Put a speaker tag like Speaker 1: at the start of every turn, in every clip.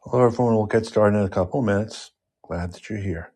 Speaker 1: Hello, everyone. We'll get started in a couple of minutes. Glad that you're here.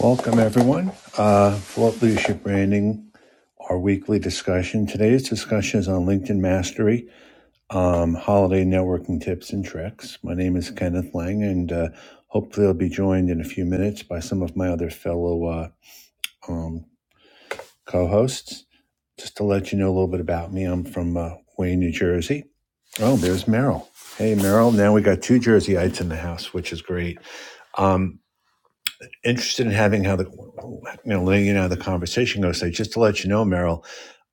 Speaker 1: Welcome, everyone. Uh, Float Leadership Branding, our weekly discussion. Today's discussion is on LinkedIn Mastery, um, holiday networking tips and tricks. My name is Kenneth Lang, and uh, hopefully, I'll be joined in a few minutes by some of my other fellow uh, um, co hosts. Just to let you know a little bit about me, I'm from uh, Wayne, New Jersey. Oh, there's Merrill. Hey, Merrill. Now we got two Jerseyites in the house, which is great. Um, interested in having how the you know letting you know how the conversation goes. So just to let you know, Merrill,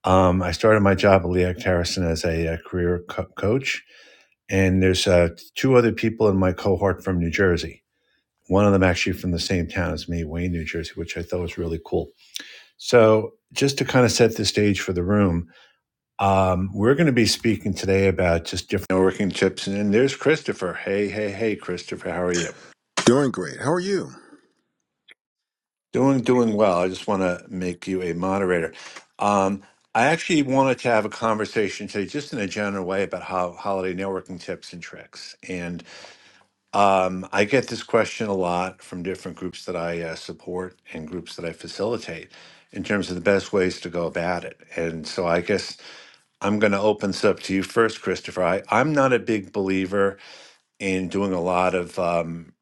Speaker 1: um, I started my job at Leac Harrison as a, uh career co- coach, and there's uh, two other people in my cohort from New Jersey. One of them actually from the same town as me, Wayne, New Jersey, which I thought was really cool. So just to kind of set the stage for the room, um, we're going to be speaking today about just different networking tips. And then there's Christopher. Hey, hey, hey, Christopher, how are you?
Speaker 2: Doing great. How are you?
Speaker 1: Doing doing well. I just want to make you a moderator. Um, I actually wanted to have a conversation today, just in a general way, about how holiday networking tips and tricks. And um, I get this question a lot from different groups that I uh, support and groups that I facilitate in terms of the best ways to go about it. And so I guess I'm going to open this up to you first, Christopher. I, I'm not a big believer and doing a lot of um,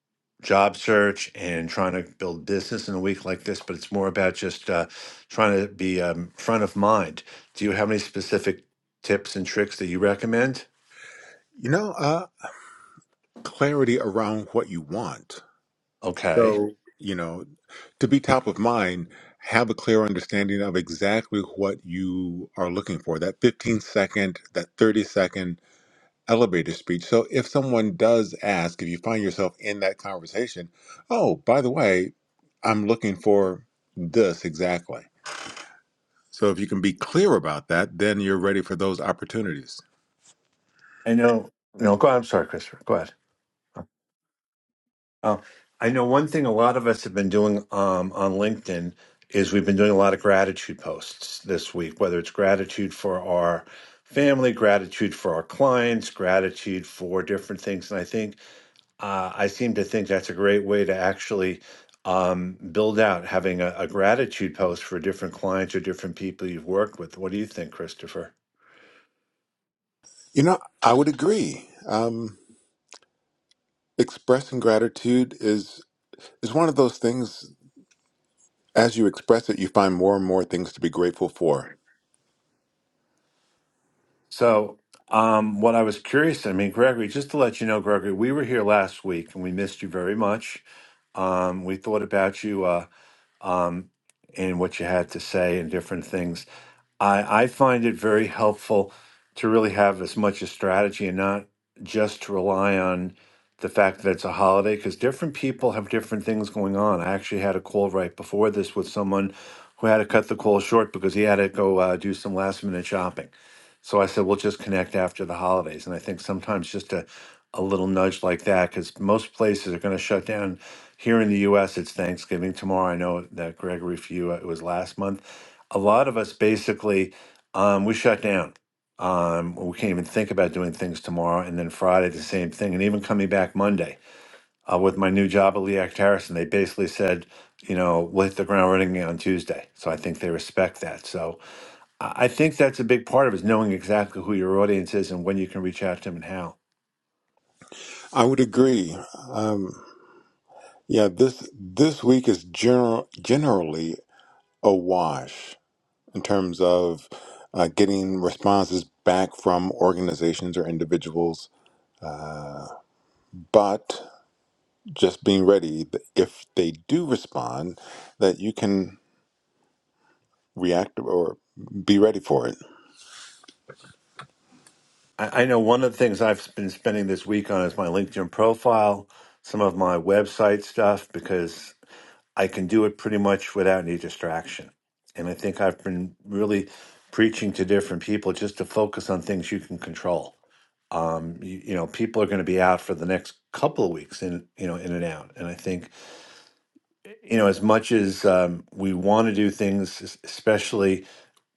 Speaker 1: job search and trying to build business in a week like this, but it's more about just uh, trying to be um, front of mind. Do you have any specific tips and tricks that you recommend?
Speaker 2: You know, uh, clarity around what you want.
Speaker 1: Okay.
Speaker 2: So, you know, to be top of mind, have a clear understanding of exactly what you are looking for that 15 second, that 30 second elevator speech. So, if someone does ask, if you find yourself in that conversation, oh, by the way, I'm looking for this exactly. So, if you can be clear about that, then you're ready for those opportunities.
Speaker 1: I know, no, go I'm sorry, Christopher. Go ahead. Oh, I know one thing a lot of us have been doing um, on LinkedIn is we've been doing a lot of gratitude posts this week, whether it's gratitude for our family, gratitude for our clients, gratitude for different things. And I think Uh, I seem to think that's a great way to actually um, build out having a, a gratitude post for different clients or different people you've worked with. What do you think, Christopher?
Speaker 2: You know, I would agree. Um, expressing gratitude is is one of those things as you express it you find more and more things to be grateful for
Speaker 1: So, um, what I was curious, I mean, Gregory, just to let you know, Gregory, we were here last week and we missed you very much. Um, we thought about you uh, um, and what you had to say and different things. I, I find it very helpful to really have as much a strategy and not just to rely on the fact that it's a holiday because different people have different things going on. I actually had a call right before this with someone who had to cut the call short because he had to go uh, do some last minute shopping. So I said, we'll just connect after the holidays. And I think sometimes just a, a little nudge like that because most places are going to shut down. Here in the US, it's Thanksgiving tomorrow. I know that Gregory, for you, uh, it was last month a lot of us basically um, we shut down. Um, we can't even think about doing things tomorrow, and then Friday the same thing, and even coming back Monday uh, with my new job at Leac Harrison, they basically said, you know, we'll hit the ground running on Tuesday. So I think they respect that. So I I think that's a big part of it is knowing exactly who your audience is and when you can reach out to them and how.
Speaker 2: i would agree um yeah this this week is general generally a wash in terms of uh, getting responses back from organizations or individuals but just being ready that if they do respond that you can react or be ready for it
Speaker 1: I, I know one of the things I've been spending this week on is my LinkedIn profile, some of my website stuff because I can do it pretty much without any distraction. And I think I've been really preaching to different people just to focus on things you can control. Um, you, you know, people are going to be out for the next couple of weeks in, you know, in and out. And I think, you know, as much as um, we want to do things, es- especially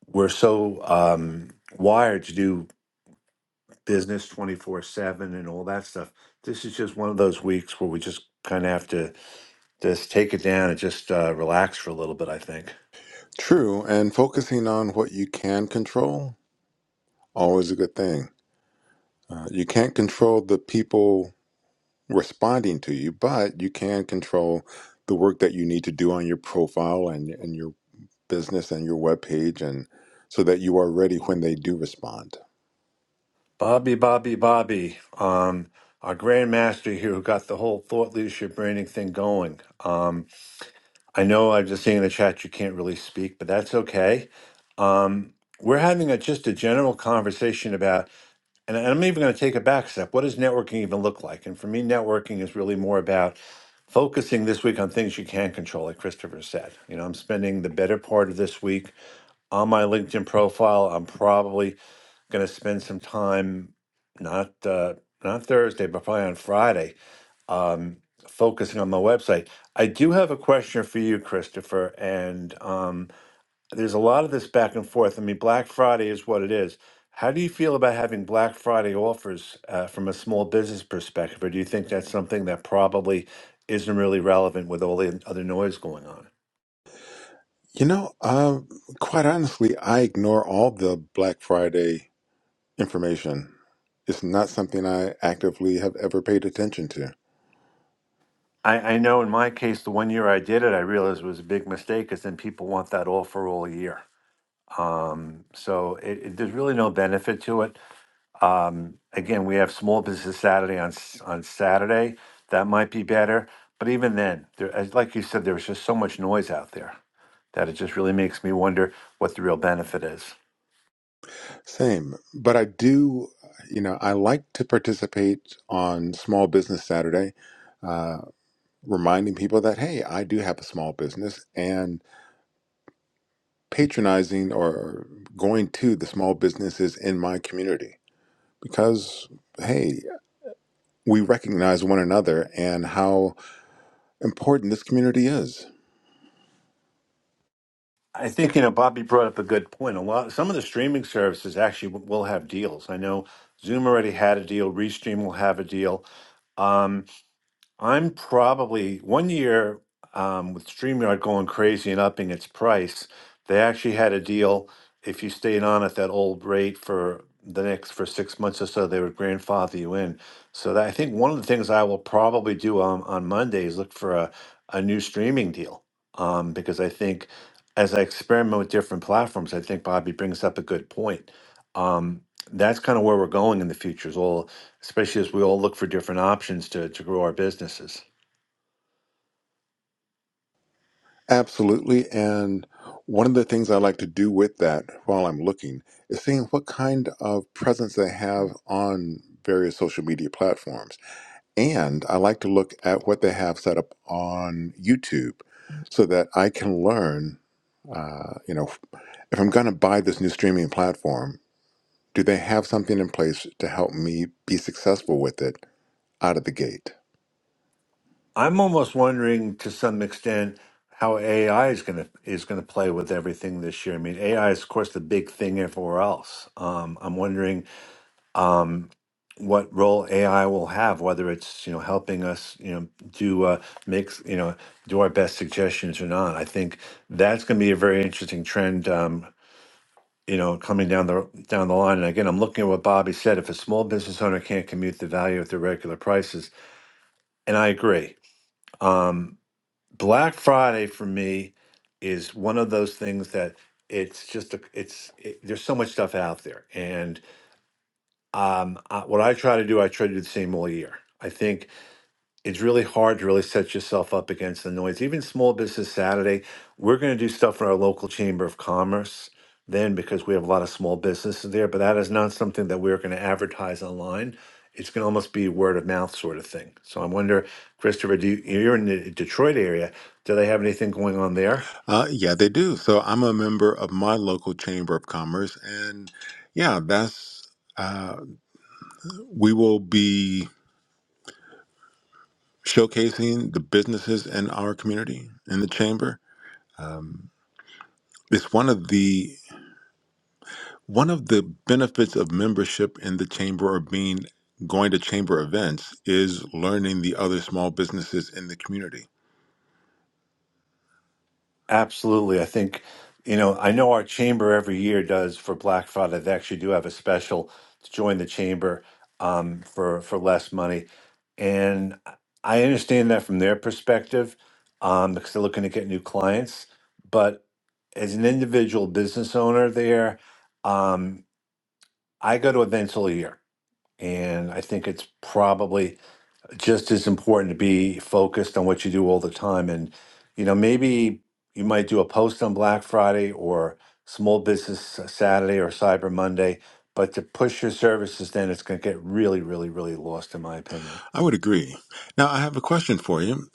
Speaker 1: we're so um, wired to do business 24 7 and all that stuff. This is just one of those weeks where we just kind of have to just take it down and just uh, relax for a little bit, I think.
Speaker 2: true and focusing on what you can control Always a good thing. Uh, you can't control the people responding to you, but you can control the work that you need to do on your profile and, and your business and your webpage, and so that you are ready when they do respond.
Speaker 1: Bobby, Bobby, Bobby, um, our grandmaster here who got the whole thought leadership branding thing going. Um, I know I'm just seeing in the chat you can't really speak, but that's okay. Um, we're having a, just a general conversation about, and I'm even going to take a back step. What does networking even look like? And for me, networking is really more about focusing this week on things you can control, like Christopher said. You know, I'm spending the better part of this week on my LinkedIn profile. I'm probably going to spend some time not uh, not Thursday, but probably on Friday, um, focusing on my website. I do have a question for you, Christopher. And um, there's a lot of this back and forth. I mean, Black Friday is what it is. How do you feel about having Black Friday offers uh, from a small business perspective, or do you think that's something that probably isn't really relevant with all the other noise going on?
Speaker 2: You know, uh, quite honestly, I ignore all the Black Friday information. It's not something I actively have ever paid attention to.
Speaker 1: I, I know in my case, the one year I did it, I realized it was a big mistake because then people want that offer all year. Um, so it, it, there's really no benefit to it. Um, again, we have Small Business Saturday on s- on Saturday. That might be better, but even then, there, as like you said, there's just so much noise out there that it just really makes me wonder what the real benefit is.
Speaker 2: Same, but I do. You know, I like to participate on Small Business Saturday reminding people that hey i do have a small business and patronizing or going to the small businesses in my community because hey we recognize one another and how important this community is
Speaker 1: I think you know Bobby brought up a good point. A lot, some of the streaming services actually w- will have deals. I know Zoom already had a deal. Restream will have a deal. Um, I'm probably one year um, with StreamYard going crazy and upping its price. They actually had a deal. If you stayed on at that old rate for the next for six months or so, they would grandfather you in. So that, I think one of the things I will probably do on, on Monday is look for a, a new streaming deal um, because I think as I experiment with different platforms, I think Bobby brings up a good point. Um, that's kind of where we're going in the future. is all especially as we all look for different options to, to grow our businesses.
Speaker 2: absolutely and one of the things i like to do with that while i'm looking is seeing what kind of presence they have on various social media platforms and i like to look at what they have set up on youtube so that I can learn Uh, you know, if I'm going to buy this new streaming platform, do they have something in place to help me be successful with it out of the gate?
Speaker 1: I'm almost wondering to some extent how AI is going to is going to play with everything this year. I mean, AI is of course the big thing everywhere else. Um, I'm wondering um, what role AI will have, whether it's you know helping us you know do uh, make you know do our best suggestions or not. I think that's going to be a very interesting trend Um, you know, coming down the down the line. And again, I'm looking at what Bobby said. If a small business owner can't commute the value at their regular prices, and I agree. Um, Black Friday for me is one of those things that it's just a, it's it, there's so much stuff out there, and um, I, what I try to do, I try to do the same all year. I think it's really hard to really set yourself up against the noise. Even Small Business Saturday, we're going to do stuff in our local chamber of commerce then because we have a lot of small businesses there, but that is not something that we're going to advertise online. It's going to almost be word of mouth sort of thing. So I wonder, Christopher, do you, you're in the Detroit area. Do they have anything going on there?
Speaker 2: Uh, yeah, they do. So I'm a member of my local chamber of commerce, and yeah, that's uh, we will be showcasing the businesses in our community in the chamber. It's one of the one of the benefits of membership in the chamber or being going to chamber events is learning the other small businesses in the community
Speaker 1: Absolutely. I think, you know, I know our chamber every year does for Black Friday. They actually do have a special to join the chamber um, for for less money, and I understand that from their perspective um, because they're looking to get new clients. But as an individual business owner, there, um, I go to events all year, and I think it's probably just as important to be focused on what you do all the time. And, you know, maybe you might do a post on Black Friday or Small Business Saturday or Cyber Monday, but to push your services, then it's going to get really, really, really lost, in my opinion.
Speaker 2: I would agree. Now, I have a question for you.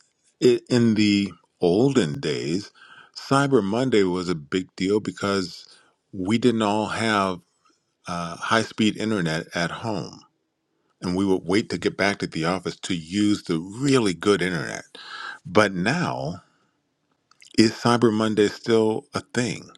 Speaker 2: I- In the olden days, Cyber Monday was a big deal because we didn't all have uh, high speed internet at home. And we would wait to get back to the office to use the really good internet. But now, is Cyber Monday still a thing?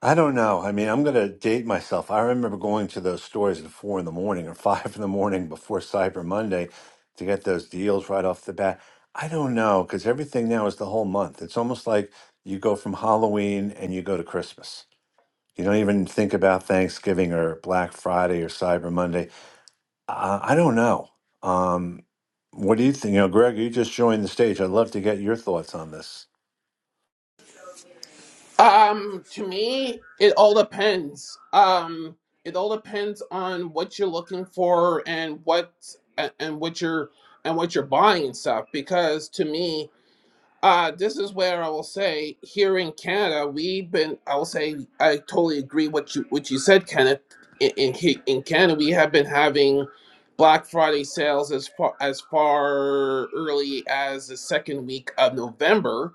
Speaker 1: I don't know. I mean, I'm going to date myself. I remember going to those stores at four in the morning or five in the morning before Cyber Monday to get those deals right off the bat. I don't know because everything now is the whole month. It's almost like you go from Halloween and you go to Christmas. You don't even think about Thanksgiving or Black Friday or Cyber Monday. I, I don't know. Um, what do you think? You know, Greg, you just joined the stage. I'd love to get your thoughts on this.
Speaker 3: Um, to me, it all depends. Um, it all depends on what you're looking for and what a- and what you're and what you're buying and stuff. Because to me, uh, this is where I will say here in Canada, we've been. I will say I totally agree what you what you said, Kenneth. In in, Ca- in Canada, we have been having Black Friday sales as far as far early as the second week of November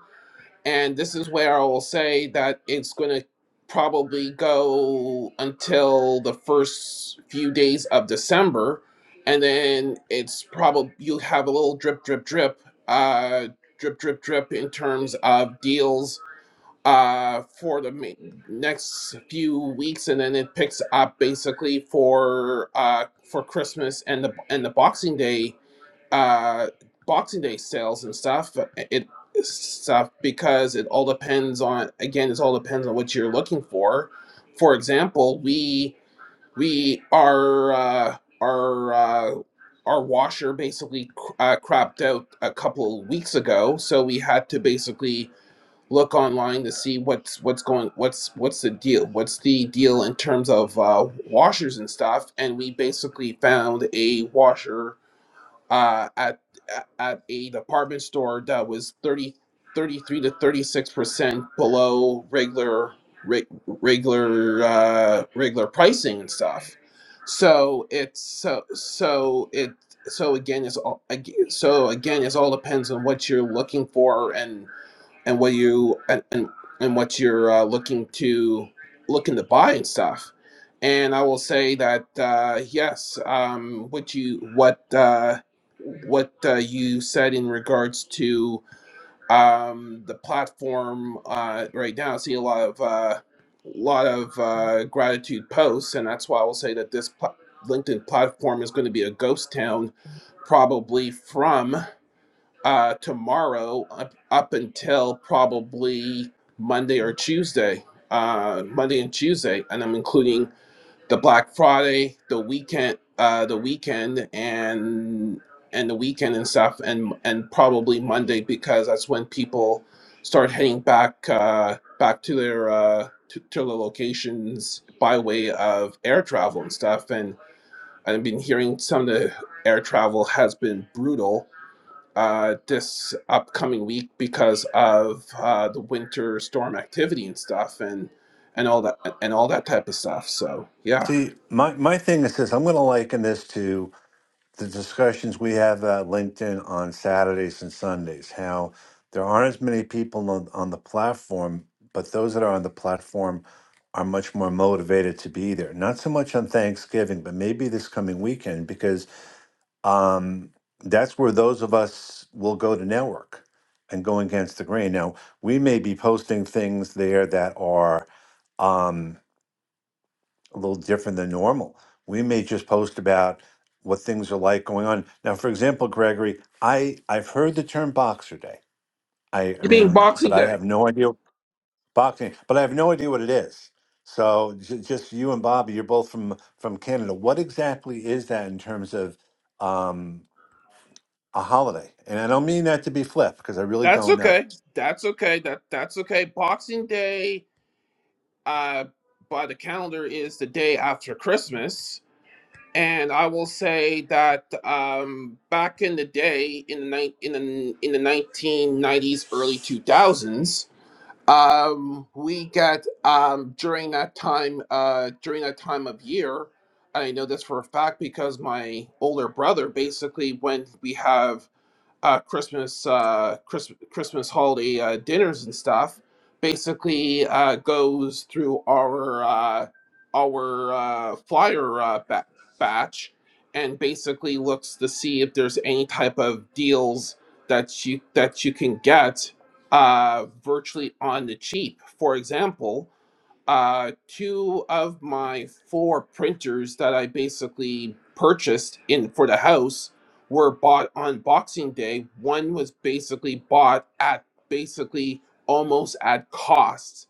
Speaker 3: and this is where I will say that it's going to probably go until the first few days of December. And then it's probably, you'll have a little drip, drip, drip, uh, drip, drip, drip in terms of deals uh, for the ma- next few weeks. And then it picks up basically for, uh, for Christmas and the, and the Boxing Day uh, Boxing Day sales and stuff. uh, It stuff because it all depends on again. It all depends on what you're looking for. For example, we we our uh, our uh, our washer basically uh, crapped out a couple weeks ago, so we had to basically look online to see what's what's going what's what's the deal what's the deal in terms of uh, washers and stuff and we basically found a washer uh, at at a department store that was 30 33 to thirty six percent below regular re- regular uh, regular pricing and stuff. So it's so so it so again it's all ag- so again it's all depends on what you're looking for and and what you and and, and what you're uh, looking to looking to buy and stuff. And I will say that uh, yes, um, what you what uh, what uh, you said in regards to um, the platform uh, right now, I see a lot of uh, lot of uh, gratitude posts, and that's why I will say that this pla- LinkedIn platform is going to be a ghost town, probably from uh, tomorrow up, up until probably Monday or Tuesday, uh, Monday and Tuesday, and I'm including the Black Friday, the weekend, uh, the weekend, and and the weekend and stuff, and and probably Monday because that's when people start heading back uh, back to their uh, to, to their locations by way of air travel and stuff, and I've been hearing some of the air travel has been brutal uh, this upcoming week because of uh, the winter storm activity and stuff and and all that and all that type of stuff. So yeah,
Speaker 1: See, my, my thing is this I'm going to liken this to the discussions we have at LinkedIn on Saturdays and Sundays, how there aren't as many people on, on the platform, but those that are on the platform are much more motivated to be there. Not so much on Thanksgiving, but maybe this coming weekend, because um, that's where those of us will go to network and go against the grain. Now, we may be posting things there that are. Um, a little different than normal. We may just post about what things are like going on. Now, for example, Gregory, I I've heard the term Boxer Day. I I
Speaker 3: it being
Speaker 1: mean, but
Speaker 3: Boxing
Speaker 1: I
Speaker 3: Day.
Speaker 1: have no idea boxing, but I have no idea what it is. So j- just you and Bobby, you're both from from Canada. What exactly is that in terms of um, a holiday? And I don't mean that to be flip because I really
Speaker 3: That's
Speaker 1: don't
Speaker 3: okay.
Speaker 1: know.
Speaker 3: That's okay. That that's okay. Boxing Day, uh, by the calendar, is the day after Christmas. And I will say that um, back in the day, in the ni- in the in the nineteen nineties, early two thousands. Um, we get um, during that time uh, during that time of year. I know this for a fact because my older brother basically when we have uh, Christmas, uh, Christmas Christmas holiday uh, dinners and stuff, basically uh, goes through our uh, our uh, flyer uh, ba- batch, and basically looks to see if there's any type of deals that you that you can get uh, virtually on the cheap. For example, uh, two of my four printers that I basically purchased in for the house were bought on Boxing Day. One was basically bought at basically almost at cost,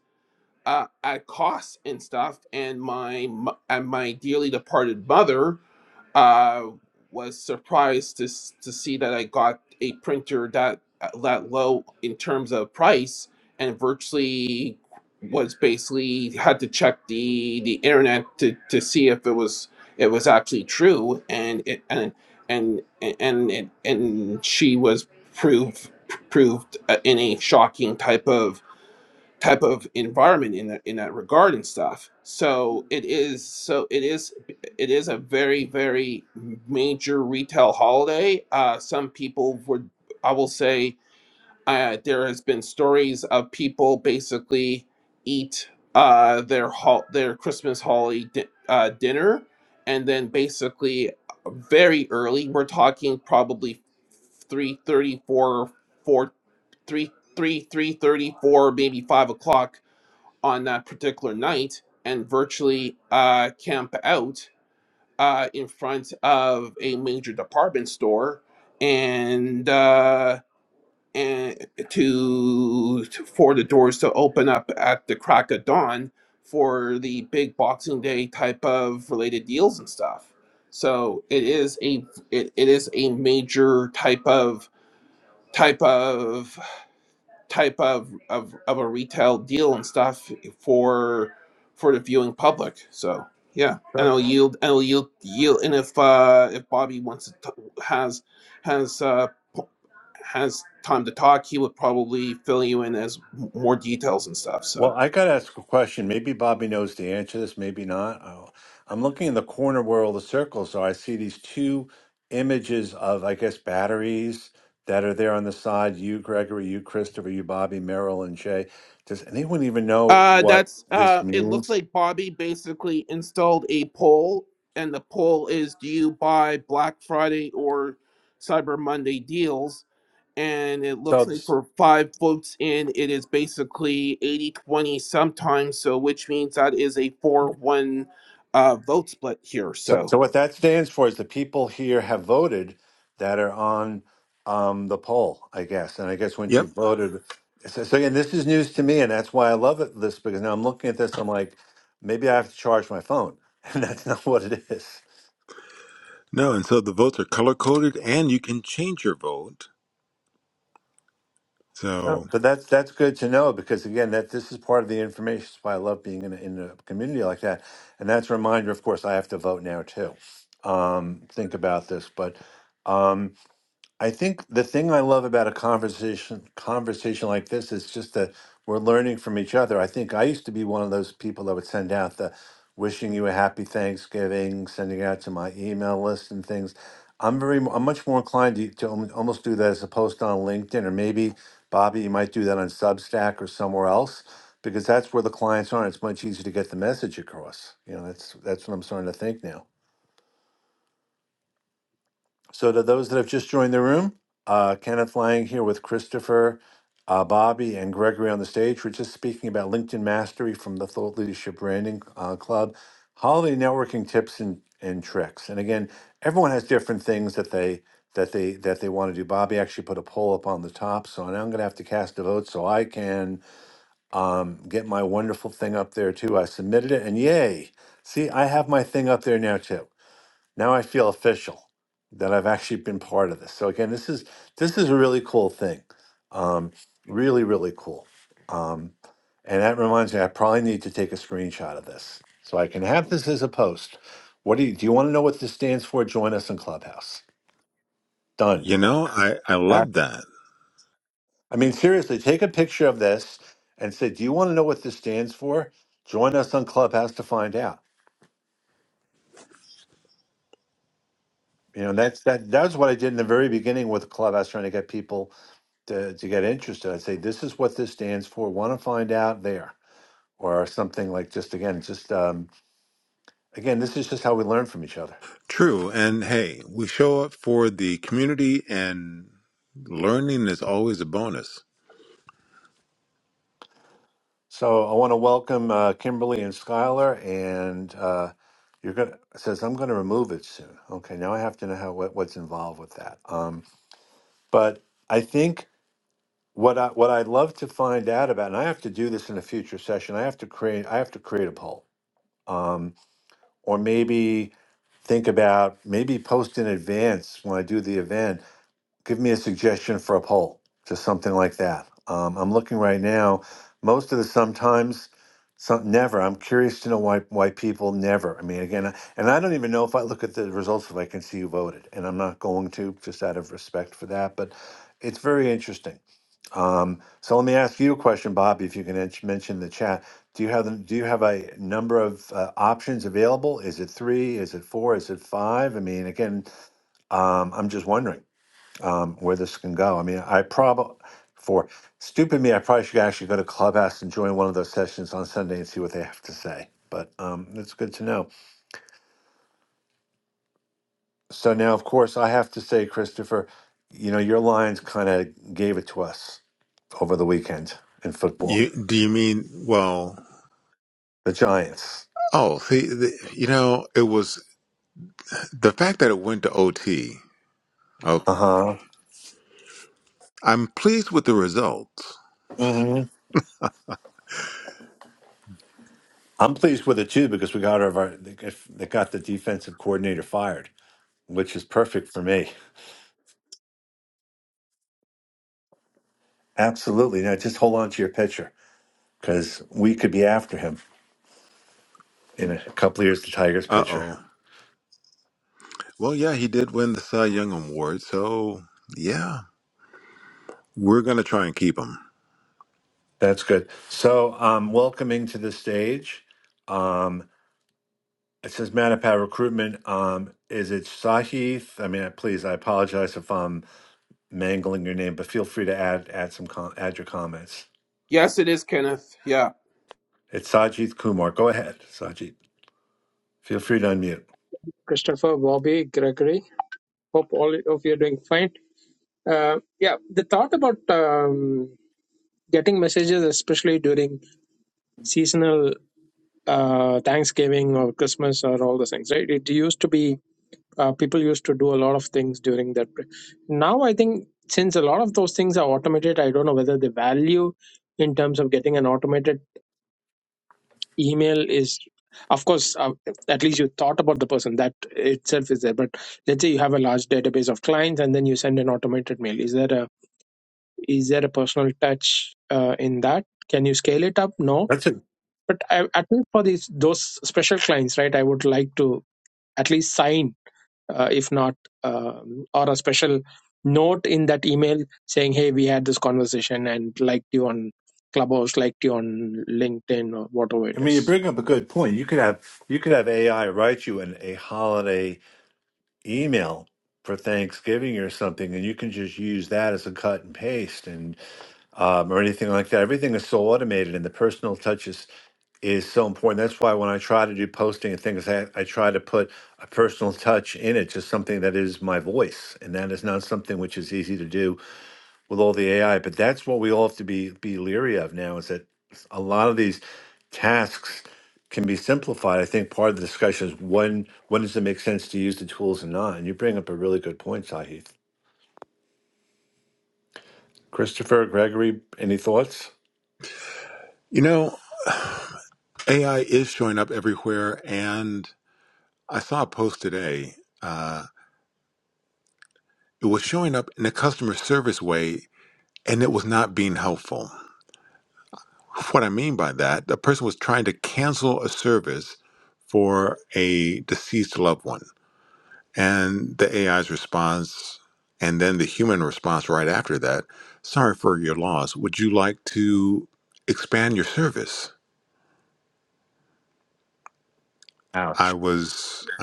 Speaker 3: uh, at cost and stuff. And my and my dearly departed mother I was surprised to s- to see that I got a printer that uh, that low in terms of price, and virtually was basically had to check the the internet to, to see if it was it was actually true, and it and and and and, and she was proved proved uh, in a shocking type of type of environment in that in that regard and stuff. So it is so it is it is a very very major retail holiday. Uh, some people would I will say uh, there has been stories of people basically eat uh, their hol- their Christmas holiday di- uh, dinner and then basically very early. We're talking probably three thirty four four three three three thirty four maybe five o'clock on that particular night and virtually uh, camp out uh, in front of a major department store and uh, and to, to for the doors to open up at the crack of dawn for the big Boxing Day type of related deals and stuff. So it is a it, it is a major type of type of type of, of of a retail deal and stuff for for the viewing public. So yeah, and I'll yield and I'll yield yield. And if uh, if Bobby wants to t- has has uh, p- has time to talk, he would probably fill you in as m- more details and stuff.
Speaker 1: Well,
Speaker 3: So
Speaker 1: I got to ask a question. Maybe Bobby knows the answer to this, maybe not. Oh, I'm looking in the corner where all the circles are. I see these two images of, I guess, batteries that are there on the side. You, Gregory, you, Christopher, you, Bobby, Merrill, and Jay. Does anyone even know
Speaker 3: uh,
Speaker 1: what
Speaker 3: that's
Speaker 1: this
Speaker 3: uh, it. Looks
Speaker 1: means?
Speaker 3: like Bobby basically installed a poll, and the poll is: Do you buy Black Friday or Cyber Monday deals? and it looks
Speaker 1: So,
Speaker 3: like for five votes in, it is basically 80 20 sometimes. So, which means that is a 4 1 uh, vote split here.
Speaker 1: So,
Speaker 3: So,
Speaker 1: so what that stands for is the people here have voted that are on um, the poll, I guess. And I guess once
Speaker 2: Yep.
Speaker 1: you've voted, so, so again, this is news to me, and that's why I love it, this because now I'm looking at this, I'm like, maybe I have to charge my phone, and that's not what it is.
Speaker 2: No, and so the votes are color coded and you can change your vote.
Speaker 1: Oh.
Speaker 2: So,
Speaker 1: But that's that's good to know because again, that this is part of the information. That's why I love being in a, in a community like that, and that's a reminder. Of course, I have to vote now too. Um, think about this, but. um. I think the thing I love about a conversation conversation like this is just that we're learning from each other. I think I used to be one of those people that would send out the wishing you a happy Thanksgiving, sending out to my email list and things. I'm very I'm much more inclined to, to alm- almost do that as a post on LinkedIn or maybe Bobby, you might do that on Substack or somewhere else because that's where the clients are. and It's much easier to get the message across. You know, that's that's what I'm starting to think now. So, to those that have just joined the room, uh, Kenneth Lang here with Christopher, uh, Bobby, and Gregory on the stage. We're just speaking about LinkedIn Mastery from the Thought Leadership Branding uh, Club, holiday networking tips and, and tricks. And again, everyone has different things that they that they that they want to do. Bobby actually put a poll up on the top, so now I'm going to have to cast a vote so I can um, get my wonderful thing up there too. I submitted it, and yay! See, I have my thing up there now too. Now I feel official that I've actually been part of this. So again, this is this is a really cool thing. Um, really, really cool. Um, and that reminds me, I probably need to take a screenshot of this so I can have this as a post. What do you do? You want to know what this stands for? Join us in Clubhouse. Done.
Speaker 2: you know, I, I
Speaker 1: Ah.
Speaker 2: love that.
Speaker 1: I mean, seriously, take a picture of this and say, "Do you want to know what this stands for?" Join us on Clubhouse to find out. You know, and that's that. That's what I did in the very beginning with Clubhouse, trying to get people to, to get interested, I'd say this is what this stands for. Want to find out there or something like just again, just um, again, this is just how we learn from each other.
Speaker 2: True. And hey, we show up for the community and learning is always a bonus.
Speaker 1: So I want to welcome uh, Kimberly and Skylar, and uh, you're gonna it says I'm going to remove it soon. Okay, now I have to know how what, what's involved with that. Um, but I think what I what I'd love to find out about, and I have to do this in a future session. I have to create I have to create a poll, um, or maybe think about maybe post in advance when I do the event. Give me a suggestion for a poll, just something like that. Um, I'm looking right now. Most of the sometimes, some never. I'm curious to know why why people never. I mean, again, I- and I don't even know if I look at the results if I can see who voted, and I'm not going to just out of respect for that. But it's very interesting. Um, so let me ask you a question, Bob. If you can ens- mention the chat, do you have the- do you have a number of uh, options available? Is it three? Is it four? Is it five? I mean, again, um, I'm just wondering um, where this can go. I mean, I probably for stupid me, I probably should actually go to Clubhouse and join one of those sessions on Sunday and see what they have to say. But um, it's good to know. So now, of course, I have to say, Christopher, you know, your Lions kind of gave it to us over the weekend in football.
Speaker 2: You, do you mean, well,
Speaker 1: The Giants.
Speaker 2: oh, see, the, you know, it was the fact that it went to OT.
Speaker 1: Uh
Speaker 2: Okay.
Speaker 1: huh.
Speaker 2: I'm pleased with the results.
Speaker 1: hmm I'm pleased with it too because we got our our- they got they got the defensive coordinator fired, which is perfect for me. Absolutely. Now just hold on to your pitcher because we could be after him in a couple of years. The Tigers
Speaker 2: Uh
Speaker 1: pitcher.
Speaker 2: oh. Well, yeah, he did win the Cy Young Award. So, yeah, we're going to try and keep him.
Speaker 1: That's good. So, um, welcoming to the stage. Um, it says Matapat recruitment. Um, is it Sahith? I mean, uh, please, I apologize if I'm mangling your name, but feel free to add add some com- add your comments.
Speaker 3: yes, it is, Kenneth. Yeah.
Speaker 1: It's Sajith Kumar. Go ahead, Sajith. Feel free to unmute.
Speaker 4: Christopher, Bobby, Gregory. Hope all of you are doing fine. Uh, yeah, the thought about um, getting messages, especially during seasonal uh, Thanksgiving or Christmas or all those things, right? It used to be uh, people used to do a lot of things during that. break. Now, I think since a lot of those things are automated, I don't know whether the value in terms of getting an automated email is of course uh, at least you thought about the person that itself is there but let's say you have a large database of clients and then you send an automated mail is there a is there a personal touch uh, in that can you scale it up no
Speaker 1: That's it.
Speaker 4: but I, at least for these those special clients right i would like to at least sign uh, if not um, or a special note in that email saying hey we had this conversation and liked you on clubhouse liked you on linkedin or whatever
Speaker 1: I
Speaker 4: it
Speaker 1: mean, you
Speaker 4: is
Speaker 1: bring up a good point. You could have you could have AI write you an, a holiday email for Thanksgiving or something, and you can just use that as a cut and paste and um, or anything like that. Everything is so automated, and the personal touch is, is so important. That's why when I try to do posting and things, I, I try to put a personal touch in it, just something that is my voice, and that is not something which is easy to do with all the AI. But that's what we all have to be be leery of now is that a lot of these tasks can be simplified. I think part of the discussion is when when does it make sense to use the tools and not? And you bring up a really good point, Sahith. Christopher, Gregory, any thoughts?
Speaker 2: You know, AI is showing up everywhere. And I saw a post today. Uh, it was showing up in a customer service way and it was not being helpful. What I mean by that, the person was trying to cancel a service for a deceased loved one. And the AI's response, and then the human response right after that sorry for your loss. Would you like to expand your service?
Speaker 1: Wow.
Speaker 2: I was. uh,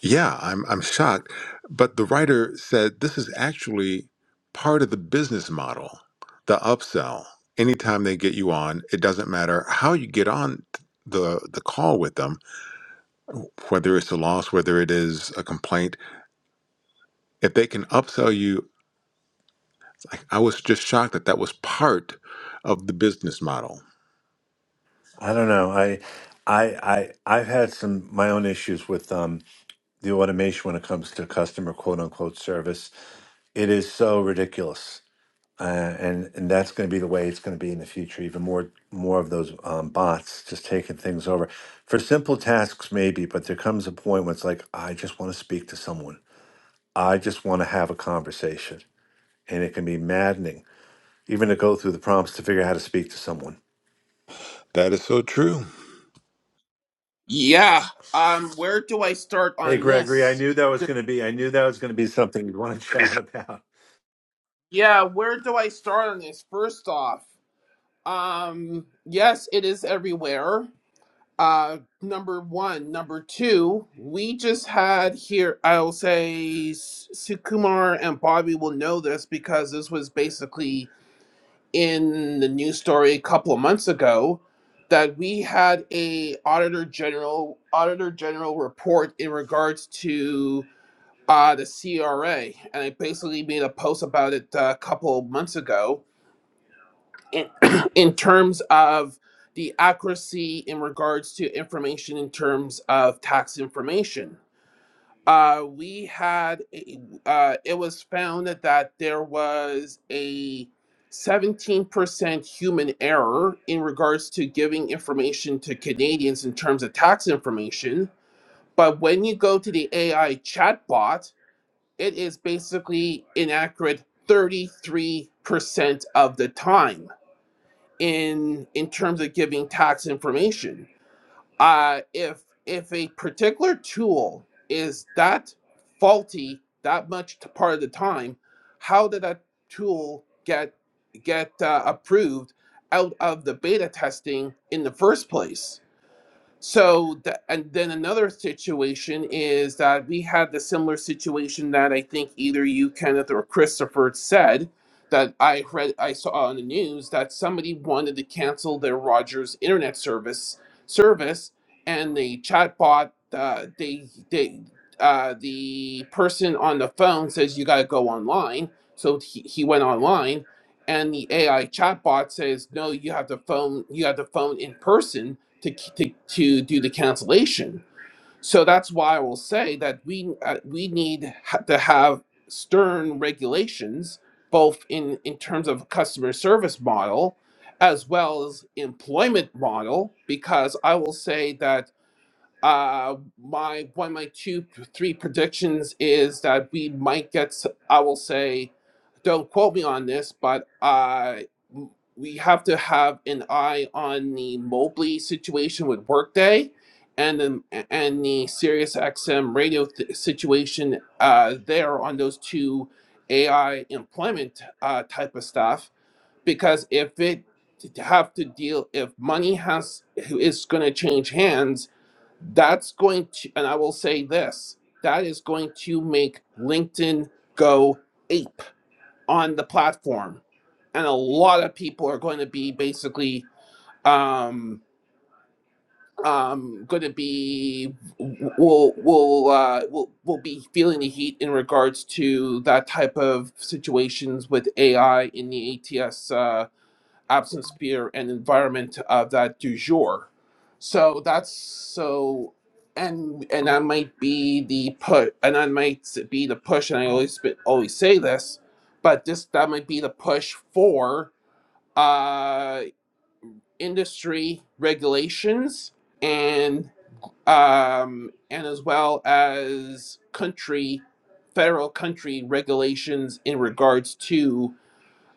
Speaker 2: Yeah, I'm I'm shocked. But the writer said this is actually part of the business model, the upsell. Anytime they get you on, it doesn't matter how you get on the the call with them, whether it's a loss, whether it is a complaint. If they can upsell you, I I was just shocked that that was part of the business model.
Speaker 1: I don't know. I I I I've had some my own issues with um the automation when it comes to customer quote unquote service. It is so ridiculous Uh, and and that's going to be the way it's going to be in the future. Even more more of those um, bots just taking things over for simple tasks, maybe. But there comes a point when it's like, I just want to speak to someone. I just want to have a conversation, and it can be maddening even to go through the prompts to figure out how to speak to someone.
Speaker 2: That is so true.
Speaker 3: Yeah. Um, where do I start
Speaker 1: Hey,
Speaker 3: on
Speaker 1: Gregory, I
Speaker 3: this?
Speaker 1: knew that was
Speaker 3: The-
Speaker 1: going to be. I knew that was going to be something you'd want to chat about.
Speaker 3: Yeah, where do I start on this? First off, um, yes, it is everywhere. Uh, number one, number two, we just had here. I'll say S- Sukumar and Bobby will know this because this was basically in the news story a couple of months ago that we had a auditor general auditor general report in regards to uh, the CRA, and I basically made a post about it uh, a couple of months ago in, in terms of the accuracy in regards to information in terms of tax information. Uh, we had a, uh, it was found that, that there was a 17% human error in regards to giving information to Canadians in terms of tax information. But when you go to the AI chatbot, it is basically inaccurate 33% of the time in in terms of giving tax information. Uh, if if a particular tool is that faulty that much to part of the time, how did that tool get get uh, approved out of the beta testing in the first place? So, th- and then another situation is that we had the similar situation that I think either you, Kenneth, or Christopher said that I read, I saw on the news that somebody wanted to cancel their Rogers internet service service, and the chatbot, uh, they, they, uh, the person on the phone says you got to go online, so he, he went online, and the AI chatbot says no, you have to phone, you have to phone in person to to, to do the cancellation. So that's why I will say that we uh, we need ha- to have stern regulations, both in in terms of customer service model, as well as employment model, because I will say that uh, my one, of my two, three predictions is that we might get. I will say, don't quote me on this, but uh, we have to have an eye on the Mobley situation with Workday, and the and the Sirius XM radio th- situation uh, there on those two AI employment uh, type of stuff. Because if it to have to deal if money has is going to change hands that's going to and i will say this that is going to make linkedin go ape on the platform and a lot of people are going to be basically um um going to be will will uh will, will be feeling the heat in regards to that type of situations with ai in the ats absence, fear, and environment of that du jour. So that's so, and and that might be the put, and that might be the push. And I always be- always say this, but this that might be the push for uh, industry regulations and um, and as well as country, federal country regulations in regards to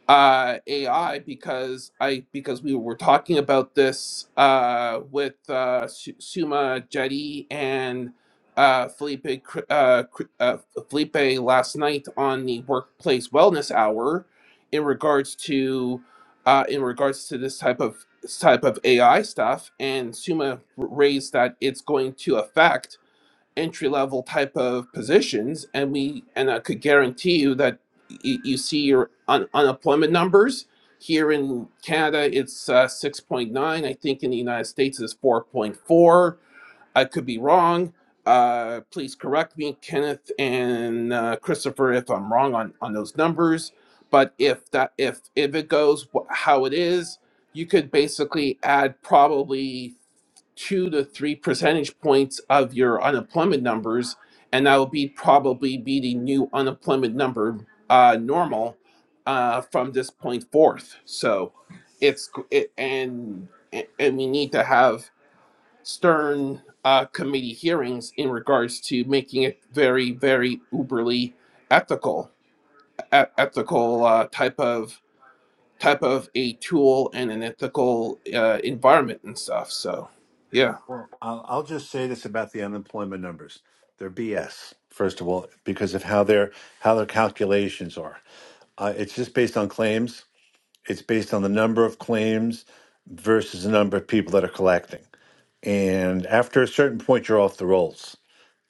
Speaker 3: uh, AI because I because we were talking about this uh, with uh, Su- Suma Jetty and uh, Felipe Cr- uh, Cr- uh, Felipe last night on the Workplace Wellness Hour in regards to uh, in regards to this type of this type of AI stuff, and Suma r- raised that it's going to affect entry level type of positions and we and i could guarantee you that y- you see your un- unemployment numbers here in canada it's uh, 6.9 i think in the united states it's 4.4 i could be wrong uh, please correct me kenneth and uh, christopher if i'm wrong on, on those numbers but if that if if it goes how it is you could basically add probably two to three percentage points of your unemployment numbers, and that'll be probably be the new unemployment number uh, normal uh, from this point forth. So it's it, and and we need to have stern uh, committee hearings in regards to making it very very uberly ethical e- ethical uh, type of type of a tool and an ethical uh, environment and stuff. So yeah.
Speaker 1: Well, I'll, I'll just say this about the unemployment numbers: they're BS. First of all, because of how their how their calculations are. Uh, it's just based on claims. It's based on the number of claims versus the number of people that are collecting. And after a certain point, you're off the rolls.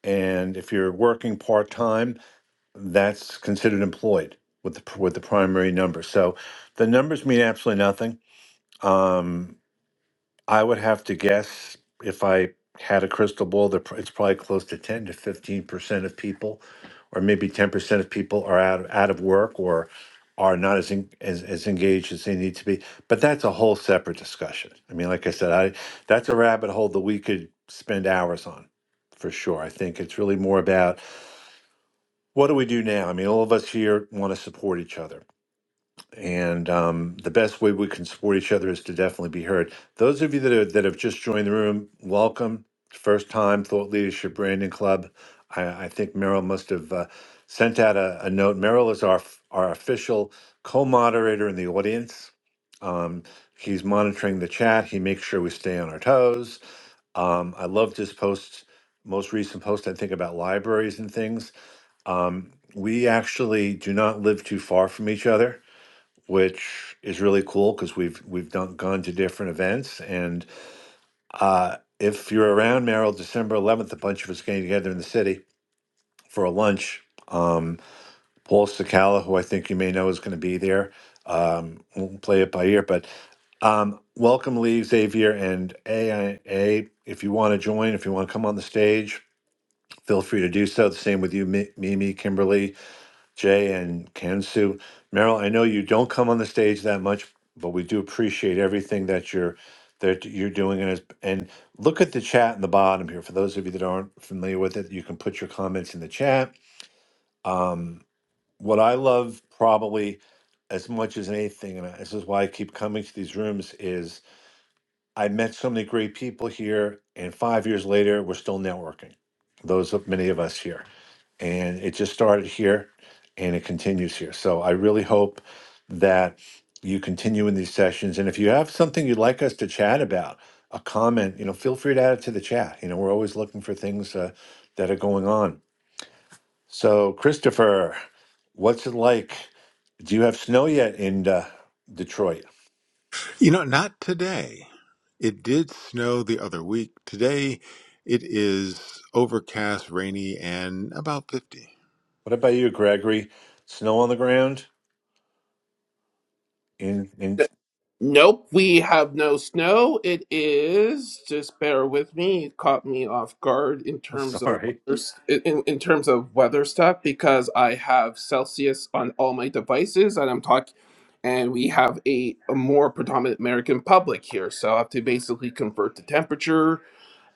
Speaker 1: And if you're working part time, that's considered employed with the with the primary number. So the numbers mean absolutely nothing. Um, I would have to guess if I had a crystal ball, that pr- it's probably close to 10 to 15% of people, or maybe 10% of people are out out of work or are not as, en- as as engaged as they need to be. But that's a whole separate discussion. I mean, like I said, I that's a rabbit hole that we could spend hours on for sure. I think it's really more about what do we do now? I mean, all of us here want to support each other and um, the best way we can support each other is to definitely be heard. Those of you that are, that have just joined the room, welcome. First time Thought Leadership Branding Club. I, I think Merrill must have uh, sent out a, a note. Merrill is our f- our official co-moderator in the audience. Um, he's monitoring the chat. He makes sure we stay on our toes. Um, I loved his post, most recent post, I think about libraries and things. Um, we actually do not live too far from each other which is really cool because we've we've done, gone to different events. And uh, if you're around Merrill, December 11th, a bunch of us getting together in the city for a lunch. Um, Paul Sakala, who I think you may know, is going to be there. Um, we'll play it by ear, but um, welcome, Lee, Xavier, and AIA. If you want to join, if you want to come on the stage, feel free to do so. The same with you, Mi- Mimi, Kimberly. Jay and Kansu. Merrill. I know you don't come on the stage that much, but we do appreciate everything that you're that you're doing. And it's- and look at the chat in the bottom here. For those of you that aren't familiar with it, you can put your comments in the chat. Um, what I love probably as much as anything, and this is why I keep coming to these rooms, is I met so many great people here, and five years later, we're still networking. Those of many of us here and it just started here and it continues here. So I really hope that you continue in these sessions. And if you have something you'd like us to chat about, a comment, you know, feel free to add it to the chat. You know, we're always looking for things uh, that are going on. So, Christopher, what's it like? Do you have snow yet in uh, Detroit?
Speaker 2: You know, not today. It did snow the other week. Today it is overcast, rainy, and about 50.
Speaker 1: What about you, Gregory? Snow on the ground in in
Speaker 3: Nope, we have no snow. It is just bear with me. It caught me off guard in terms of
Speaker 1: sorry.
Speaker 3: weather, in, in terms of weather stuff because I have Celsius on all my devices, and I'm talking, and we have a, a more predominant American public here, so I have to basically convert the temperature.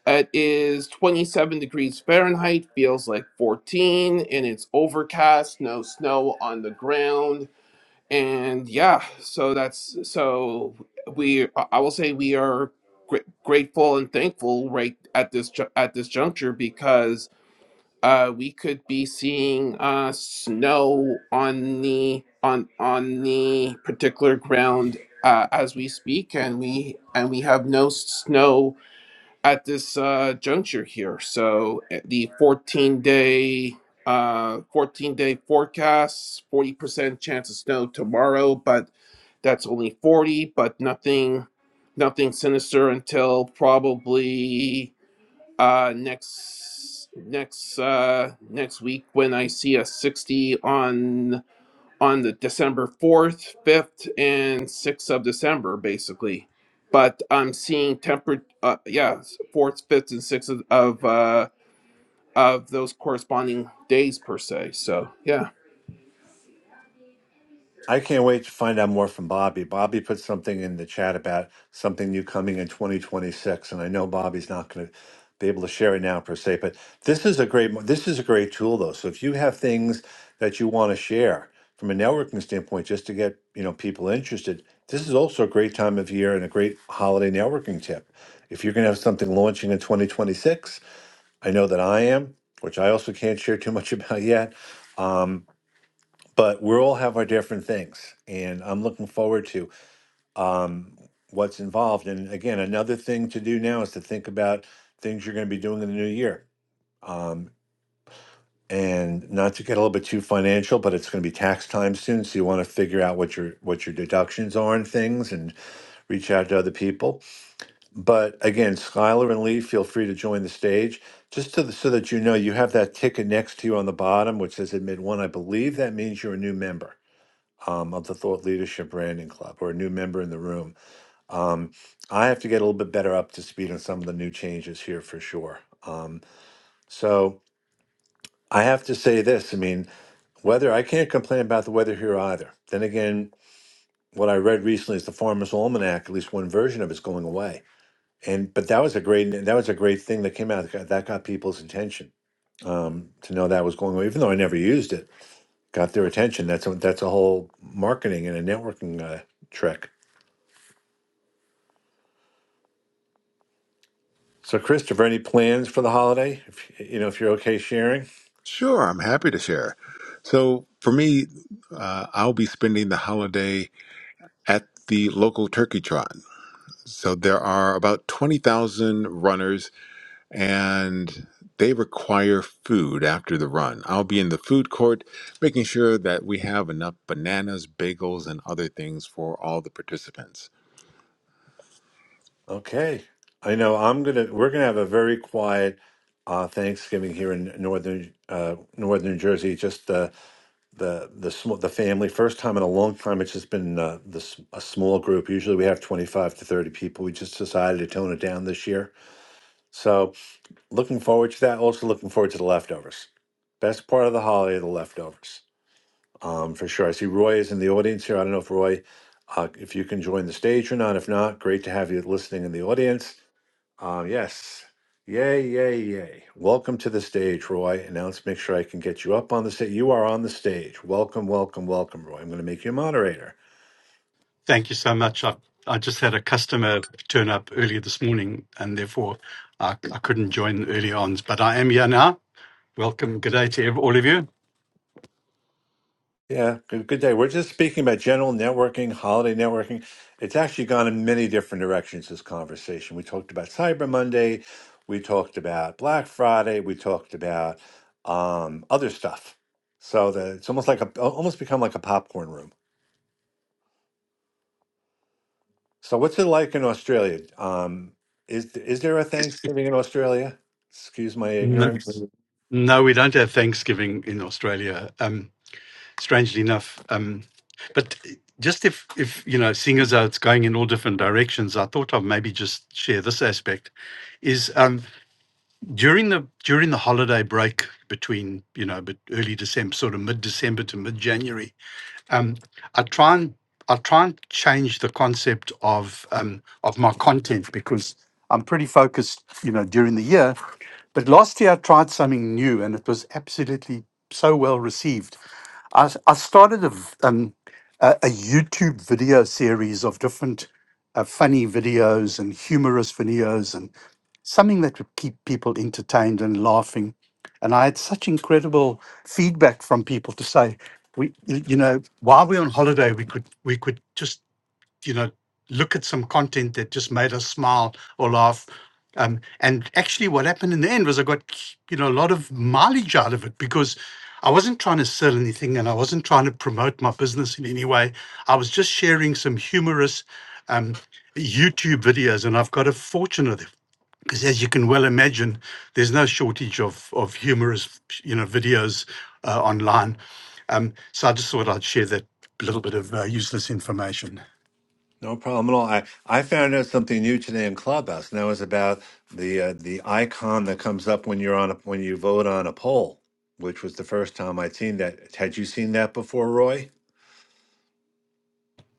Speaker 3: It is 27 degrees Fahrenheit, feels like 14, and it's overcast, no snow on the ground and yeah, so that's so we I will say we are gr- grateful and thankful right at this ju- at this juncture because uh we could be seeing uh snow on the on on the particular ground uh as we speak and we and we have no snow at this uh, juncture here. So uh, the 14 day uh 14 day forecast 40% chance of snow tomorrow but that's only 40 but nothing nothing sinister until probably uh next next uh next week when i see a 60 on on the December 4th, 5th, and 6th of December, basically. But I'm seeing temper, uh, yeah, 4th, 5th, and 6th of, of, uh, of those corresponding days per se. So, yeah.
Speaker 1: I can't wait to find out more from Bobby. Bobby put something in the chat about something new coming in 2026, and I know Bobby's not going to be able to share it now per se, but this is a great mo- this is a great tool though. So if you have things that you want to share from a networking standpoint, just to get you know people interested, this is also a great time of year and a great holiday networking tip. If you're going to have something launching in 2026, I know that I am, which I also can't share too much about yet. um, but we all have our different things and i'm looking forward to um, what's involved and again another thing to do now is to think about things you're going to be doing in the new year um, and not to get a little bit too financial but it's going to be tax time soon so you want to figure out what your what your deductions are and things and reach out to other people but again skylar and lee feel free to join the stage just to the, so that you know you have that ticket next to you on the bottom which says admit one i believe that means you're a new member um, of the Thought Leadership Branding Club or a new member in the room. Um, I have to get a little bit better up to speed on some of the new changes here for sure. Um, so I have to say this I mean, weather, I can't complain about the weather here either. Then again, what I read recently is the Farmer's Almanac, at least one version of it's going away. And but that was a great that was a great thing that came out that got that got people's attention um, to know that was going away. even though I never used it, got their attention. That's a, that's a whole marketing and a networking uh, trick. So, Christopher, any plans for the holiday? If, you know, if you're okay sharing.
Speaker 2: Sure, I'm happy to share. So for me, uh, I'll be spending the holiday at the local turkey trot. So there are about 20,000 runners and they require food after the run. I'll be in the food court making sure that we have enough bananas, bagels, and other things for all the participants.
Speaker 1: Okay. I know I'm gonna. We're gonna have a very quiet uh, Thanksgiving here in northern uh, northern New Jersey. Just uh, the the sm- the family. First time in a long time. It's just been uh, this a small group. Usually we have 25 to 30 people. We just decided to tone it down this year. So, looking forward to that. Also, looking forward to the leftovers. Best part of the holiday, the leftovers. um, for sure. I see Roy is in the audience here. I don't know if Roy, uh, if you can join the stage or not. If not, great to have you listening in the audience. Uh, yes. Yay, yay, yay. Welcome to the stage, Roy. And now let's make sure I can get you up on the stage. You are on the stage. Welcome, welcome, welcome, Roy. I'm going to make you a moderator.
Speaker 5: Thank you so much. I, I just had a customer turn up earlier this morning and therefore I, I couldn't join early on, but I am here now. Welcome. Good day to ev- all of you.
Speaker 1: Yeah, good, good day. We're just speaking about general networking, holiday networking. It's actually gone in many different directions, this conversation. We talked about Cyber Monday, we talked about Black Friday, we talked about um, other stuff. So the, it's almost like a, almost become like a popcorn room. So what's it like in Australia? Um, is is there a Thanksgiving in Australia? Excuse my
Speaker 5: No,
Speaker 1: ignorance.
Speaker 5: no, we don't have Thanksgiving in Australia, um, strangely enough. Um, but just if, if, you know, seeing as though it's going in all different directions, I thought I'd maybe just share this aspect is um, during the during the holiday break between, you know, but early December, sort of mid-December to mid-January, Um, I try and I try and change the concept of um, of my content because I'm pretty focused, you know, during the year. But last year I tried something new, and it was absolutely so well received. I, s- I started a, v- um, a, a YouTube video series of different uh, funny videos and humorous videos and something that would keep people entertained and laughing. And I had such incredible feedback from people to say, we you know while we're on holiday we could we could just you know look at some content that just made us smile or laugh um, and actually what happened in the end was i got you know a lot of mileage out of it because i wasn't trying to sell anything and i wasn't trying to promote my business in any way i was just sharing some humorous um, youtube videos and i've got a fortune of them because as you can well imagine, there's no shortage of of humorous, you know, videos uh, online. Um, so I just thought I'd share that little bit of uh, useless information.
Speaker 1: No problem at all. I, I found out something new today in Clubhouse, and that was about the uh, the icon that comes up when you're on a, when you vote on a poll, which was the first time I'd seen that. Had you seen that before, Roy?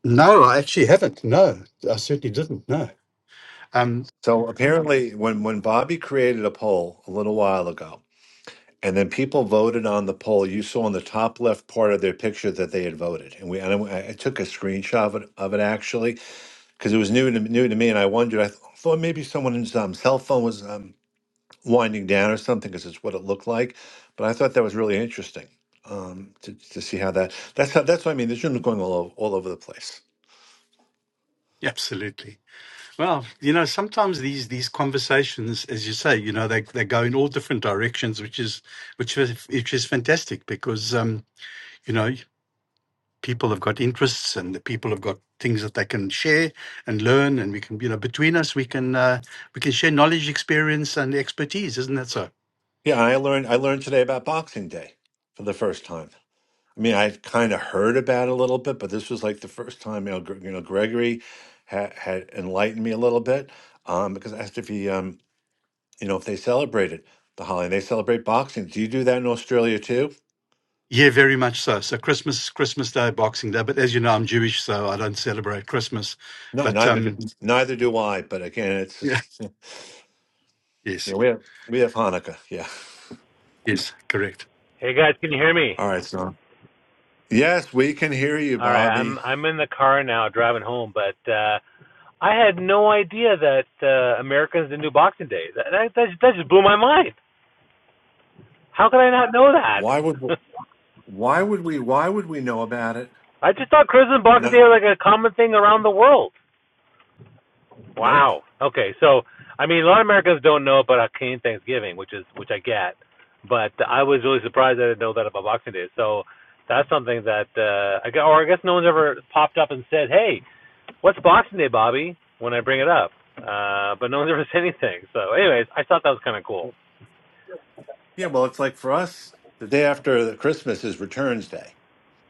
Speaker 5: No, I actually haven't. No, I certainly didn't. No. Um,
Speaker 1: So apparently, when when Bobby created a poll a little while ago, and then people voted on the poll, you saw in the top left part of their picture that they had voted, and we and I, I took a screenshot of it, of it actually because it was new to new to me, and I wondered. I thought maybe someone's um, cell phone was. Um, winding down or something because it's what it looked like. But I thought that was really interesting um, to to see how that that's how that's what I mean. This room's going all over, all over the place.
Speaker 5: absolutely. Well, you know, sometimes these these conversations, as you say, you know, they they go in all different directions, which is which is which is fantastic because um, you know. people have got interests and the people have got things that they can share and learn and we can you know between us we can uh, we can share knowledge experience and expertise isn't that so
Speaker 1: Yeah, I learned I learned today about Boxing Day for the first time. I mean, I kind of heard about it a little bit, but this was like the first time you know, Gre- you know Gregory had, had enlightened me a little bit um, because I asked if he um, you know if they celebrated the holiday. They celebrate Boxing. Do you do that in Australia too?
Speaker 5: yeah very much so so christmas christmas day boxing day but as you know i'm jewish so i don't celebrate christmas
Speaker 1: No,
Speaker 5: but
Speaker 1: neither do,
Speaker 5: um
Speaker 1: neither do I. But again, it's
Speaker 5: yeah
Speaker 1: just Yeah,
Speaker 5: yes
Speaker 1: we have we have Hanukkah. Yeah.
Speaker 5: yes correct
Speaker 6: Hey guys, can you hear me?
Speaker 1: All right, so yes, we can hear you,
Speaker 6: All right, I'm
Speaker 1: Bobby.
Speaker 6: I'm in the car now driving home, but uh I had no idea that uh Americans didn't do Boxing Day. That that, that, just, that just blew my mind. How could I not know
Speaker 1: Why would
Speaker 6: that?
Speaker 1: why would we why would we know about it?
Speaker 6: I just thought Christmas and Boxing
Speaker 1: No,
Speaker 6: Day were like a common thing around the world.
Speaker 1: nope.
Speaker 6: Wow. Okay, so I mean a lot of Americans don't know about Canadian Thanksgiving, which is which I get. But I was really surprised I didn't know that about Boxing Day. So that's something that uh I got. or I guess no one's ever popped up and said, "Hey, what's Boxing Day, Bobby? When I bring it up, uh, but no one's ever said anything. So, anyways, I thought that was kind of cool.
Speaker 1: Yeah, well, it's like for us, the day after the Christmas is Returns Day.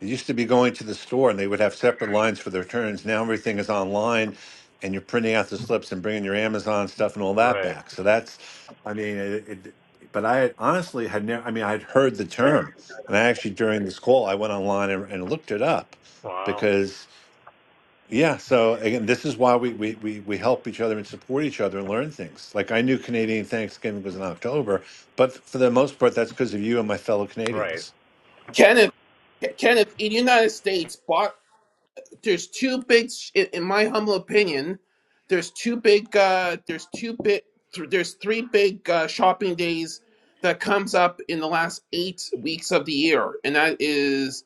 Speaker 1: It used to be going to the store and they would have separate lines for the returns. Now everything is online and you're printing out the slips and bringing your Amazon stuff and all that
Speaker 6: Right.
Speaker 1: back. So that's, I mean, it, it but I had honestly had never, I mean, I'd heard the term. And I actually, during this call, I went online and, and looked it up
Speaker 6: Wow.
Speaker 1: because, yeah. So again, this is why we, we, we, we help each other and support each other and learn things. Like I knew Canadian Thanksgiving was in October, but for the most part, that's because of you and my fellow
Speaker 6: Right.
Speaker 1: Canadians.
Speaker 3: Kenneth, Kenneth, in the United States, bought, there's two big, sh- in in my humble opinion, there's two big, uh, there's two big, th- there's three big uh, shopping days that comes up in the last eight weeks of the year, and that is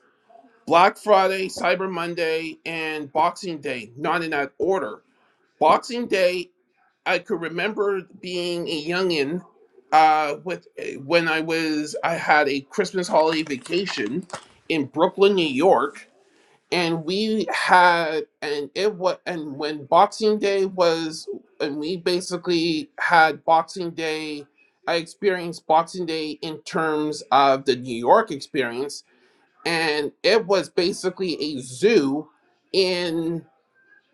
Speaker 3: Black Friday, Cyber Monday, and Boxing Day, not in that order. Boxing Day, I could remember being a youngin uh, with when I was I had a Christmas holiday vacation in Brooklyn, New York, and we had and it was and when Boxing Day was and we basically had Boxing Day. I experienced Boxing Day in terms of the New York experience and it was basically a zoo in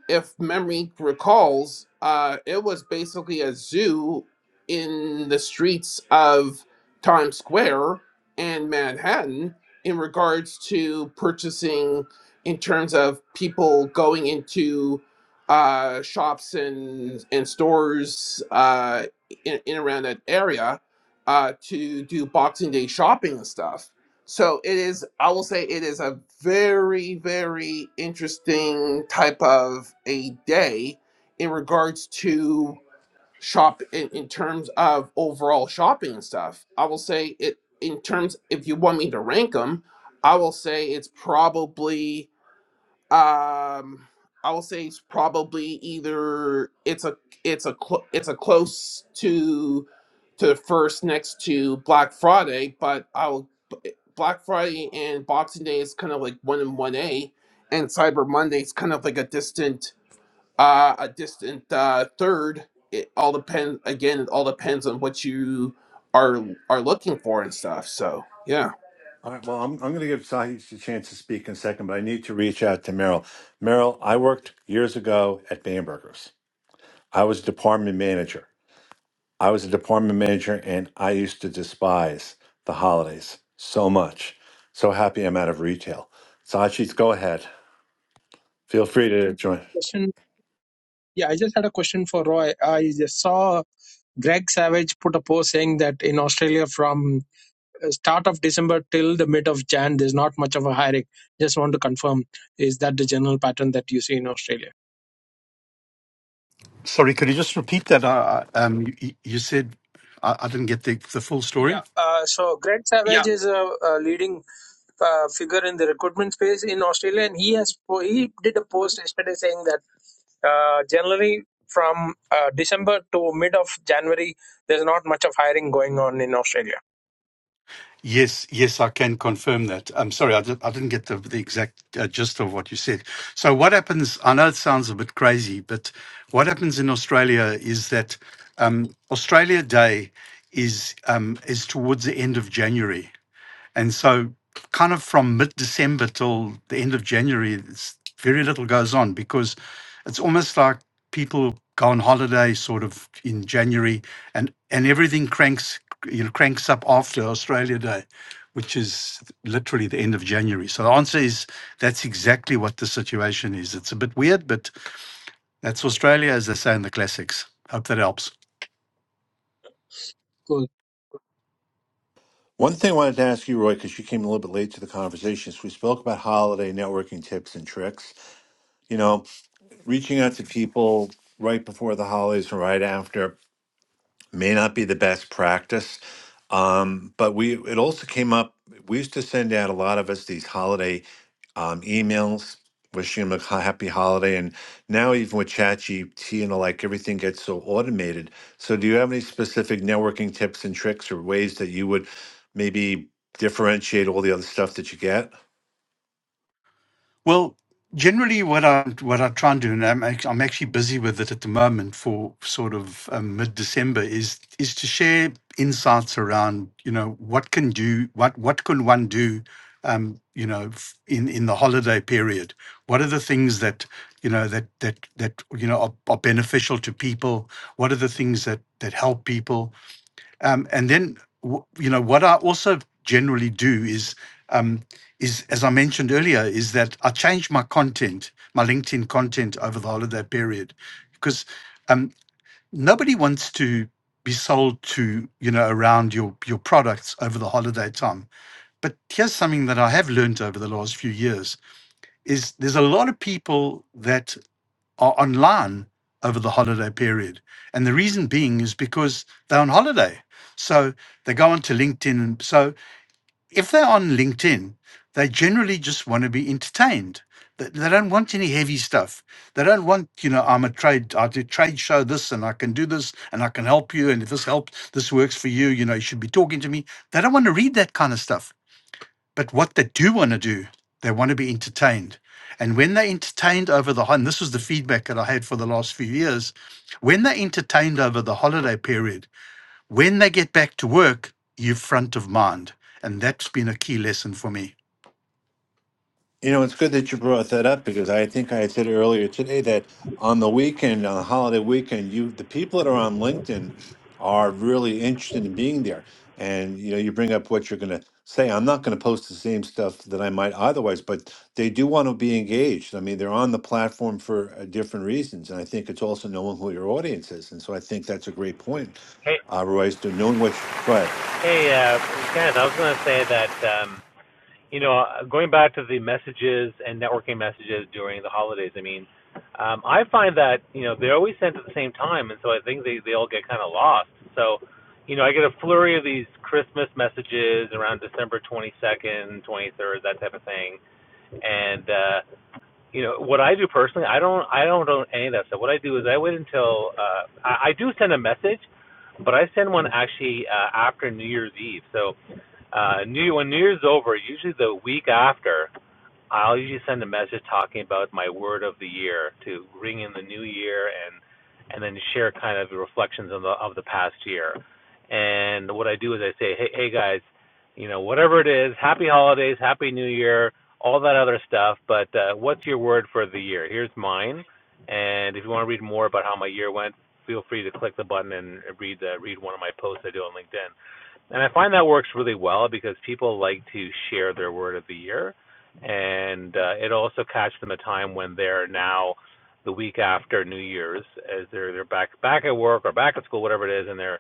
Speaker 3: if memory recalls uh it was basically a zoo in the streets of times square and manhattan in regards to purchasing in terms of people going into uh shops and and stores uh in, in around that area uh to do boxing day shopping and stuff so it is, I will say it is a very, very interesting type of a day in regards to shop in, in terms of overall shopping and stuff. I will say it in terms, if you want me to rank them, I will say it's probably, um, I will say it's probably either it's a it's a clo it's a close to to the first next to Black Friday, but I will Black Friday and Boxing Day is kind of like one and one A, and Cyber Monday is kind of like a distant, uh, a distant uh, third. It all depends. Again, it all depends on what you are are looking for and stuff. So yeah,
Speaker 1: All right. Well, I'm, I'm going to give Sahih a chance to speak in a second, but I need to reach out to Merrill. Merrill, I worked years ago at Bamberger's. I was a department manager. I was a department manager, and I used to despise the holidays so much. So happy I'm out of retail. Sachit, go ahead. Feel free to join.
Speaker 4: Question. Yeah, I just had a question for Roy. I just saw Greg Savage put a post saying that in Australia from uh, start of December till the mid of Jan, there's not much of a hiring. Just want to confirm, is that the general pattern that you see in Australia?
Speaker 5: sorry could you just repeat that i I- um you, you said I, I didn't get the, the full
Speaker 4: Yeah.
Speaker 5: story
Speaker 4: Uh, so Greg Savage is a, a leading uh, figure in the recruitment space in Australia, and he has po- he did a post yesterday saying that uh, generally from uh, December to mid of January, there's not much of hiring going on in Australia.
Speaker 5: Yes, yes, I can confirm that. I'm sorry, I, did, I didn't get the, the exact uh, gist of what you said. So, what happens? I know it sounds a bit crazy, but what happens in Australia is that um, Australia Day is um, is towards the end of January, and so, kind of from mid December till the end of January, it's, very little goes on because it's almost like people go on holiday sort of in January and, and everything cranks you know cranks up after Australia Day, which is literally the end of January. So the answer is that's exactly what the situation is. It's a bit weird, but that's Australia, as they say in the classics. Hope that helps.
Speaker 1: One thing I wanted to ask you, Roy, because you came a little bit late to the conversation, is we spoke about holiday networking tips and tricks. You know, reaching out to people right before the holidays and right after may not be the best practice. Um, but we it also came up. We used to send out a lot of us these holiday um, emails wishing them a ha- happy holiday. And now even with ChatGPT and the like, everything gets so automated. So do you have any specific networking tips and tricks or ways that you would maybe differentiate all the other stuff that you get?
Speaker 5: Well, generally, what I'm what I try and do, and I'm act- I'm actually busy with it at the moment for sort of um, mid December, is is to share insights around you know what can do what what can one do. Um, you know, f- in in the holiday period, what are the things that you know that that that you know are, are beneficial to people? What are the things that that help people? Um, and then, w- you know, what I also generally do is, um, is as I mentioned earlier, is that I change my content, my LinkedIn content over the holiday period, because um, nobody wants to be sold to, you know, around your your products over the holiday time. But here's something that I have learned over the last few years: is there's a lot of people that are online over the holiday period. And the reason being is because they're on holiday. So they go onto LinkedIn. And So if they're on LinkedIn, they generally just want to be entertained. They they don't want any heavy stuff. They don't want, you know, I'm a trade, I do trade show this and I can do this and I can help you. And if this helps, this works for you, you know, you should be talking to me. They don't want to read that kind of stuff. But what they do want to do, they want to be entertained. And when they entertained over the and this was the feedback that I had for the last few years. When they entertained over the holiday period, when they get back to work, you're front of mind. And that's been a key lesson for me.
Speaker 1: You know, it's good that you brought that up because I think I said earlier today that on the weekend, on the holiday weekend, you the people that are on LinkedIn are really interested in being there. And you know, you bring up what you're going to say. I'm not going to post the same stuff that I might otherwise, but they do want to be engaged. I mean, they're on the platform for uh, different reasons, and I think it's also knowing who your audience is. And so I think that's a great point,
Speaker 6: Hey,
Speaker 1: uh, Royce. To knowing what you, go ahead.
Speaker 6: hey, uh, Kenneth. I was going to say that um, you know, going back to the messages and networking messages during the holidays. I mean, um, I find that you know they're always sent at the same time, and so I think they they all get kind of lost. So, you know, I get a flurry of these Christmas messages around December 22nd, 23rd, that type of thing, and uh, you know what I do personally. I don't I don't own any of that stuff. What I do is I wait until uh, I, I do send a message, but I send one actually uh, after New Year's Eve. So uh, New when New Year's over, usually the week after, I'll usually send a message talking about my word of the year to ring in the new year and and then share kind of reflections of the of the past year. And what I do is I say, hey, hey guys, you know whatever it is, happy holidays, happy new year, all that other stuff. But uh, what's your word for the year? Here's mine. And if you want to read more about how my year went, feel free to click the button and read the, read one of my posts I do on LinkedIn. And I find that works really well because people like to share their word of the year. And uh, it also catches them a time when they're now the week after New Year's, as they're they're back back at work or back at school, whatever it is, and they're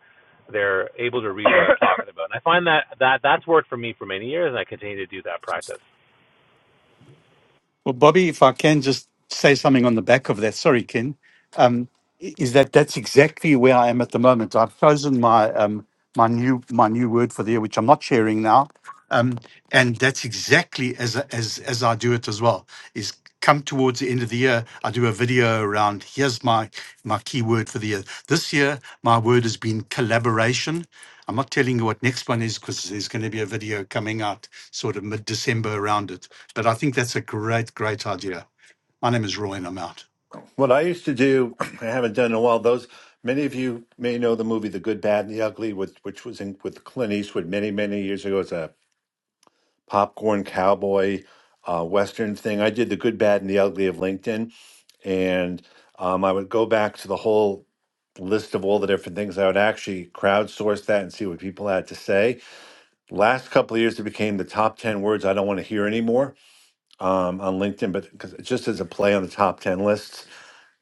Speaker 6: they're able to read what I'm talking about. And I find that that that's worked for me for many years, and I continue to do that practice.
Speaker 5: Well, Bobby, if I can just say something on the back of that, sorry, Ken, um, i- is that that's exactly where I am at the moment. I've chosen my um, my new my new word for the year, which I'm not sharing now, um, and that's exactly as as as I do it as well. Is come towards the end of the year, I do a video around here's my my key word for the year. This year, my word has been collaboration. I'm not telling you what next one is because there's going to be a video coming out sort of mid December around it but I think that's a great, great idea. My name is Roy, and I'm out.
Speaker 1: What I used to do, I haven't done in a while. Those many of you may know the movie The Good, Bad, and the Ugly, with, which was in with Clint Eastwood many, many years ago. It's a popcorn cowboy uh, western thing. I did The Good, Bad, and the Ugly of LinkedIn, and um, I would go back to the whole list of all the different things. I would actually crowdsource that and see what people had to say. Last couple of years, it became the top ten words I don't want to hear anymore um, on LinkedIn, but 'cause- just as a play on the top ten lists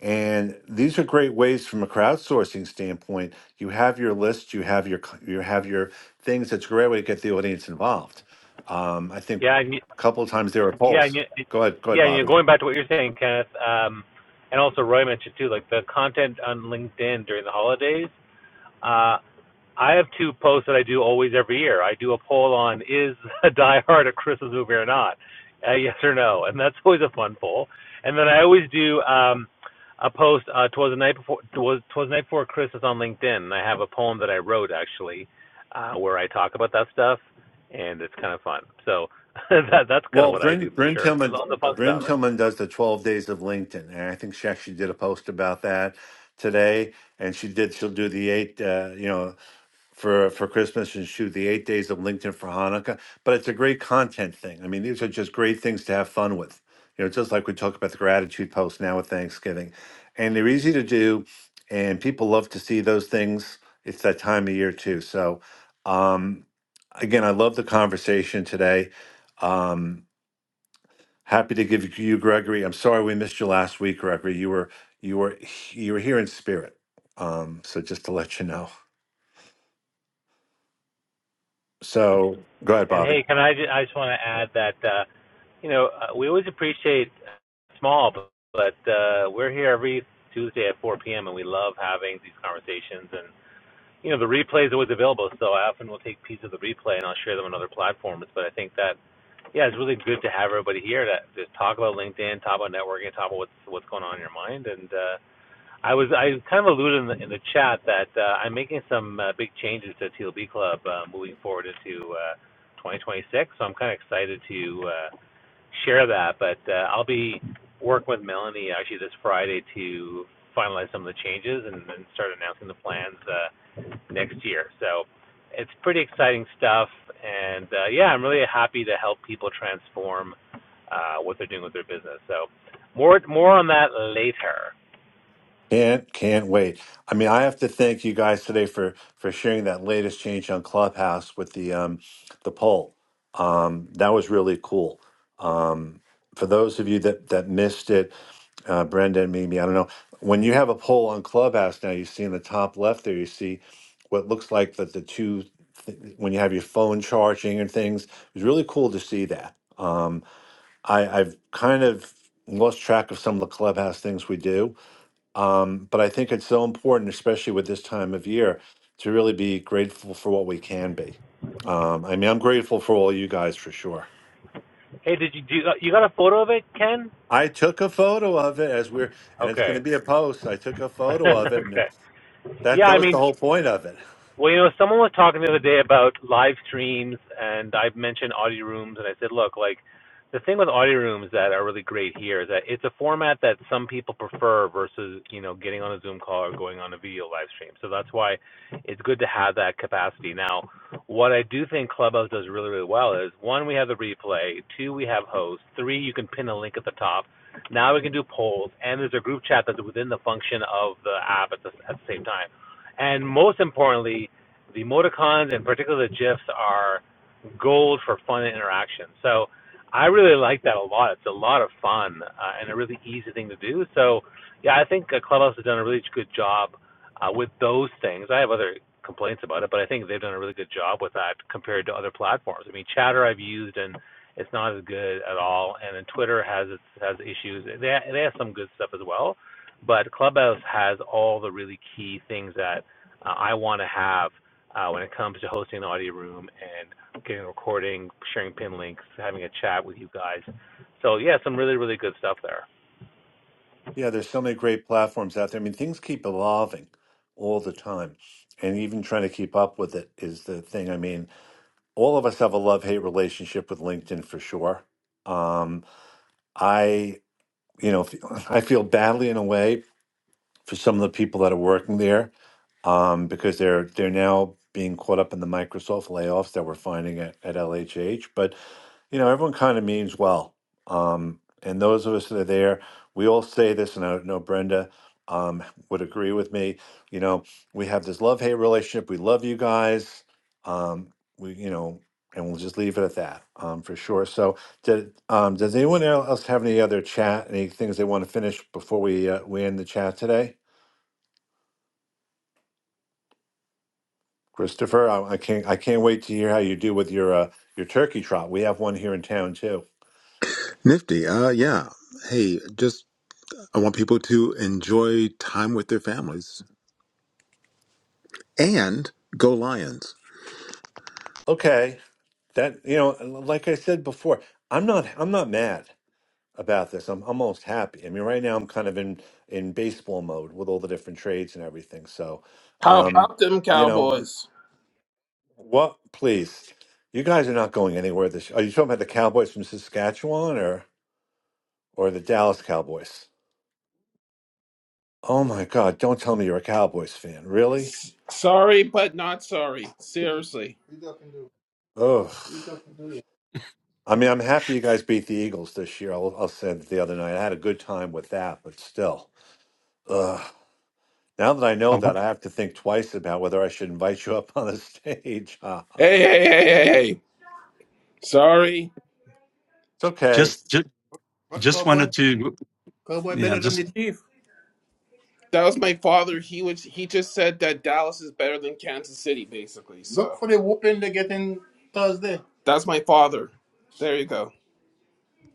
Speaker 1: and these are great ways from a crowdsourcing standpoint. You have your list, you have your c- you have your things. It's a great way to get the audience involved. Um, I think
Speaker 6: Yeah, and you,
Speaker 1: a couple of times there were
Speaker 6: yeah, and
Speaker 1: polls.
Speaker 6: you,
Speaker 1: Go ahead, go ahead,
Speaker 6: yeah, and you're
Speaker 1: Bobby.
Speaker 6: going back to what you're saying, Kenneth, um, and also Roy mentioned too, like the content on LinkedIn during the holidays. Uh, I have two posts that I do always every year. I do a poll on is Die Hard a Christmas movie or not, uh, yes or no, and that's always a fun poll. And then I always do um, a post uh, twas the night before twas, twas the night before Christmas on LinkedIn, and I have a poem that I wrote actually uh, where I talk about that stuff, and it's kind of fun. So that that's kind of
Speaker 1: Well,
Speaker 6: what I
Speaker 1: Bryn
Speaker 6: do for
Speaker 1: Bryn
Speaker 6: sure. I
Speaker 1: Tillman
Speaker 6: love the fun
Speaker 1: Bryn
Speaker 6: stuff.
Speaker 1: Tillman does the twelve days of LinkedIn, and I think she actually did a post about that today. And she did. She'll do the eight. Uh, you know. for for Christmas and shoot the eight days of LinkedIn for Hanukkah. But it's a great content thing. I mean, these are just great things to have fun with. You know, just like we talk about the gratitude post now with Thanksgiving, and they're easy to do, and people love to see those things. It's that time of year too. So, um, again, I love the conversation today. Um, happy to give you Gregory. I'm sorry we missed you last week, Gregory. You were you were you were here in spirit. Um, so just to let you know. So go ahead,
Speaker 6: And
Speaker 1: Bobby.
Speaker 6: hey, can I just, I just want to add that, uh, you know, uh, we always appreciate small, but, but uh, we're here every Tuesday at 4 p.m. and we love having these conversations. And, you know, the replay is always available, so I often will take pieces of the replay and I'll share them on other platforms. But I think that, yeah, it's really good to have everybody here to just talk about LinkedIn, talk about networking, talk about what's, what's going on in your mind. And, uh, I was I kind of alluded in the in the chat that uh, I'm making some uh, big changes to TLB Club uh, moving forward into uh, 2026. So I'm kind of excited to uh, share that. But uh, I'll be working with Melanie actually this Friday to finalize some of the changes and then start announcing the plans uh, next year. So it's pretty exciting stuff. And uh, yeah, I'm really happy to help people transform uh, what they're doing with their business. So more more on that later.
Speaker 1: Can't can't wait. I mean, I have to thank you guys today for for sharing that latest change on Clubhouse with the um the poll. Um, that was really cool. Um, for those of you that that missed it, uh, Brenda and Mimi, I don't know. When you have a poll on Clubhouse now, you see in the top left there, you see what looks like that the two th- when you have your phone charging and things. It was really cool to see that. Um, I, I've kind of lost track of some of the Clubhouse things we do um, but I think it's so important, especially with this time of year, to really be grateful for what we can be. Um, I mean, I'm grateful for all you guys for sure.
Speaker 6: Hey, did you do you got a photo of it, Ken?
Speaker 1: I took a photo of it as we're, and it's going to
Speaker 6: Okay.
Speaker 1: be a post. I took a photo of it, and
Speaker 6: okay.
Speaker 1: it's- that
Speaker 6: Yeah,
Speaker 1: that
Speaker 6: I
Speaker 1: was
Speaker 6: mean,
Speaker 1: the whole point of it.
Speaker 6: Well, you know, someone was talking the other day about live streams, and I mentioned audio rooms, and I said, look, like the thing with audio rooms that are really great here is that it's a format that some people prefer versus you know getting on a Zoom call or going on a video live stream. So that's why it's good to have that capacity. Now, what I do think Clubhouse does really really well is one, we have the replay, two, we have hosts, three, you can pin a link at the top. Now we can do polls, and there's a group chat that's within the function of the app at the, at the same time. And most importantly, the emoticons and particularly the GIFs are gold for fun and interaction. So I really like that a lot. It's a lot of fun uh, and a really easy thing to do. So yeah, I think uh, Clubhouse has done a really good job uh, with those things. I have other complaints about it, but I think they've done a really good job with that compared to other platforms. I mean, Chatter I've used and it's not as good at all. And then Twitter has its has issues. They they have some good stuff as well, but Clubhouse has all the really key things that uh, I want to have uh, when it comes to hosting an audio room and getting a recording, sharing pin links, having a chat with you guys. So yeah, some really really good stuff there.
Speaker 1: Yeah, there's so many great platforms out there. I mean, things keep evolving all the time, and even trying to keep up with it is the thing. I mean, all of us have a love hate relationship with LinkedIn for sure. Um, I you know, I feel badly in a way for some of the people that are working there um, because they're they're now being caught up in the Microsoft layoffs that we're finding at, at LHH. But you know, everyone kind of means well. Um, and those of us that are there, we all say this, and I know Brenda um, would agree with me. You know, we have this love hate relationship. We love you guys. Um, we, you know, and we'll just leave it at that um, for sure. So, did, um, does anyone else have any other chat? Any things they want to finish before we uh, we end the chat today? Christopher, I, I can't I can't wait to hear how you do with your uh, your turkey trot. We have one here in town too.
Speaker 2: Nifty. Uh, yeah. Hey, just I want people to enjoy time with their families and go Lions.
Speaker 1: Okay. That, you know, like I said before, I'm not I'm not mad about this. I'm almost happy. I mean, right now I'm kind of in in baseball mode with all the different trades and everything. So,
Speaker 3: how
Speaker 1: um,
Speaker 3: about them
Speaker 1: you know,
Speaker 3: Cowboys?
Speaker 1: what please. You guys are not going anywhere this Are you talking about the Cowboys from Saskatchewan or or the Dallas Cowboys? Oh my God, don't tell me you're a Cowboys fan. Really?
Speaker 3: S- sorry, but not sorry. Seriously. We talking to?
Speaker 1: Ugh.
Speaker 3: We talking to?
Speaker 1: I mean, I'm happy you guys beat the Eagles this year. I'll, I'll say that the other night. I had a good time with that, but still. Ugh. Now that I
Speaker 5: I
Speaker 1: know that,
Speaker 5: want,
Speaker 1: I have to think twice about whether I should invite you up on the stage. Ha, ha.
Speaker 3: Hey, hey, hey, hey, hey. Sorry.
Speaker 1: it's okay.
Speaker 5: just, just,
Speaker 3: What
Speaker 5: just
Speaker 3: cowboy?
Speaker 5: wanted to,
Speaker 3: Cowboy
Speaker 5: yeah,
Speaker 3: better than
Speaker 5: just,
Speaker 3: the chief? That was my father. He was he just said that Dallas is better than Kansas City, basically. So Look So for the whooping they're getting Thursday. that's my father. There you go.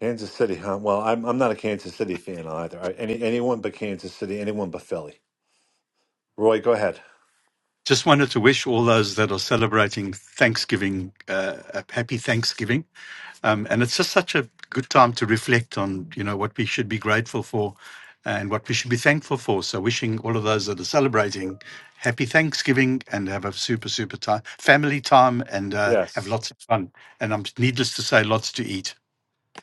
Speaker 1: Kansas City, huh? Well, I'm I'm not a Kansas City fan either. I, any anyone but Kansas City, anyone but Philly. Roy, go ahead.
Speaker 5: just wanted to wish all those that are celebrating Thanksgiving uh, a happy Thanksgiving. Um, and it's just such a good time to reflect on, you know, what we should be grateful for and what we should be thankful for. So, wishing all of those that are celebrating happy Thanksgiving and have a super, super time, family time, and uh, have
Speaker 1: Yes.
Speaker 5: lots of fun. And I'm needless to say, lots to eat.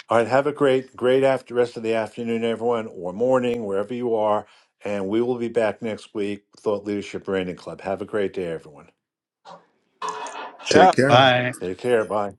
Speaker 1: All right. Have a great, great after rest of the afternoon, everyone, or morning, wherever you are. And we will be back next week, Thought Leadership Branding Club. Have a great day, everyone.
Speaker 3: Ciao.
Speaker 2: Take care.
Speaker 5: Bye.
Speaker 1: Take care. Bye.